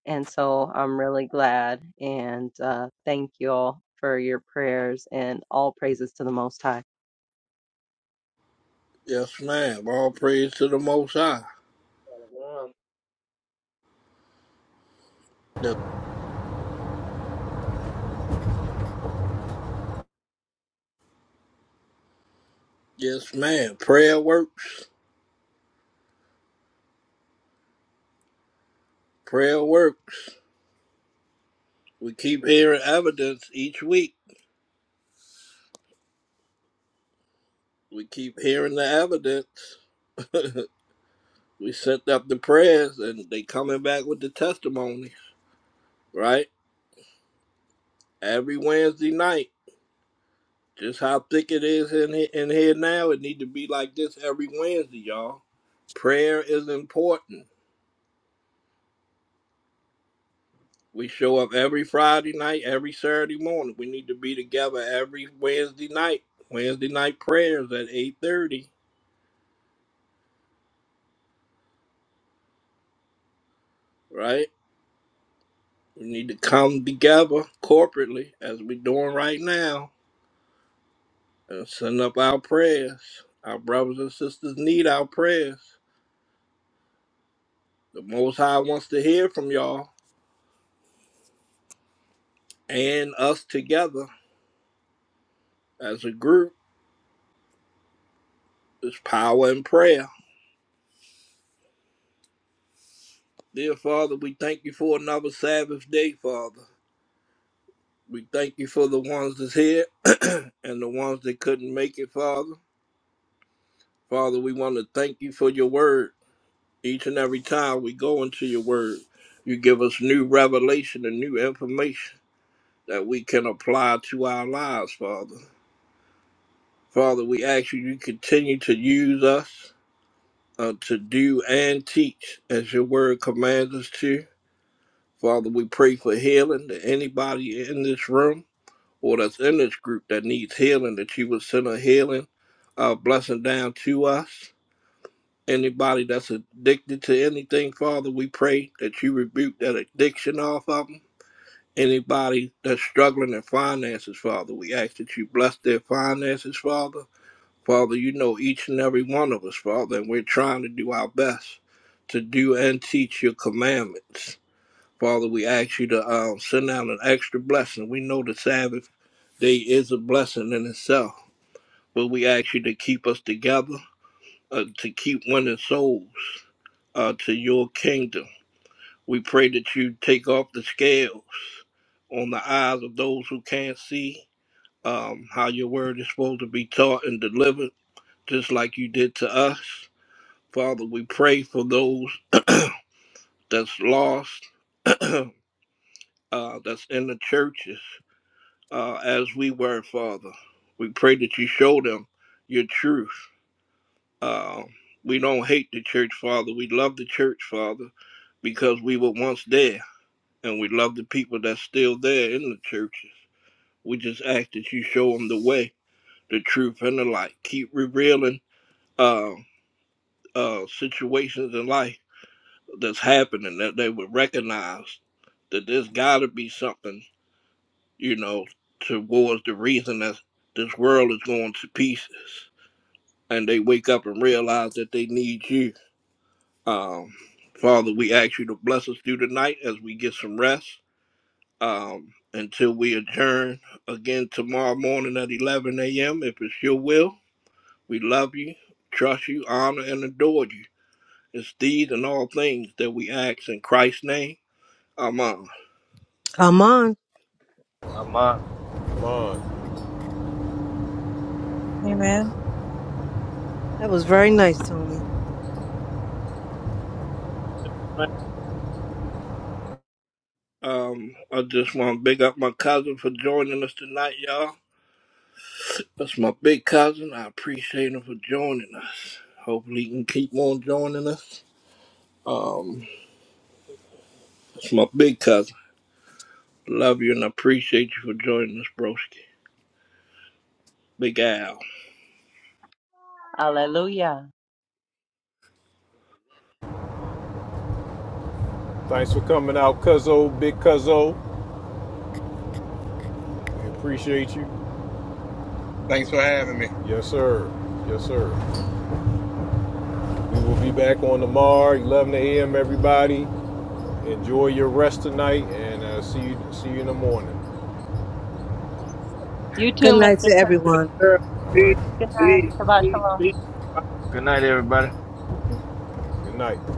Speaker 12: And so I'm really glad and uh, thank you all for your prayers and all praises to the Most High.
Speaker 3: Yes, ma'am. All praise to the Most High.
Speaker 5: Um,
Speaker 3: Yes, yes, ma'am. Prayer works. Prayer works. We keep hearing evidence each week. We keep hearing the evidence. We sent out the prayers and they coming back with the testimony, right? Every Wednesday night. Just how thick it is in here, in here now, it need to be like this every Wednesday, y'all. Prayer is important. We show up every Friday night, every Saturday morning. We need to be together every Wednesday night. Wednesday night prayers at 8:30, right? We need to come together corporately as we're doing right now and send up our prayers. Our brothers and sisters need our prayers. The Most High wants to hear from y'all and us together as a group. There's power in prayer. Dear Father, we thank you for another Sabbath day, Father. We thank you for the ones that's here and the ones that couldn't make it, Father. Father, we want to thank you for your word. Each and every time we go into your word, you give us new revelation and new information that we can apply to our lives, Father. Father, we ask you, you continue to use us uh, to do and teach as your word commands us to. Father, we pray for healing to anybody in this room or that's in this group that needs healing, that you would send a healing uh, blessing down to us. Anybody that's addicted to anything, Father, we pray that you rebuke that addiction off of them. Anybody that's struggling in finances, Father, we ask that you bless their finances, Father. Father, you know each and every one of us, Father, and we're trying to do our best to do and teach your commandments. Father, we ask you to um, send out an extra blessing. We know the Sabbath day is a blessing in itself, but we ask you to keep us together, uh, to keep winning souls uh, to your kingdom. We pray that you take off the scales on the eyes of those who can't see um, how your word is supposed to be taught and delivered, just like you did to us. Father, we pray for those that's lost, uh, that's in the churches, uh, as we were, Father. We pray that you show them your truth. Uh, we don't hate the church, Father. We love the church, Father, because we were once there, and we love the people that's still there in the churches. We just ask that you show them the way, the truth, and the light. Keep revealing uh, uh, situations in life that's happening that they would recognize that there's got to be something, you know, towards the reason that this world is going to pieces. And they wake up and realize that they need you. Um, Father, we ask you to bless us through the night as we get some rest um, until we adjourn again tomorrow morning at 11 a.m. If it's your will, we love you, trust you, honor, and adore you. It's these and all things that we ask in Christ's name. Amen.
Speaker 13: Come on.
Speaker 2: Amen.
Speaker 7: Come on.
Speaker 8: Amen.
Speaker 10: aman.
Speaker 13: That was very nice, Tony.
Speaker 3: Um, I just want to big up my cousin for joining us tonight, y'all. That's my big cousin. I appreciate him for joining us. Hopefully, he can keep on joining us. Um, that's my big cousin. Love you and I appreciate you for joining us, broski. Big Al.
Speaker 12: Hallelujah.
Speaker 7: Thanks for coming out, Cuzzo, Big Cuzzo. We appreciate you.
Speaker 14: Thanks for having me.
Speaker 7: Yes, sir. Yes, sir. We will be back on tomorrow, 11 a.m. Everybody, enjoy your rest tonight, and uh, see you see you in the morning.
Speaker 12: You too,
Speaker 13: Good night
Speaker 12: Mr.
Speaker 13: to
Speaker 12: Church.
Speaker 13: everyone.
Speaker 7: All
Speaker 12: Good
Speaker 7: right.
Speaker 12: night. Shabbat shalom.
Speaker 2: Good night, everybody.
Speaker 7: Good night.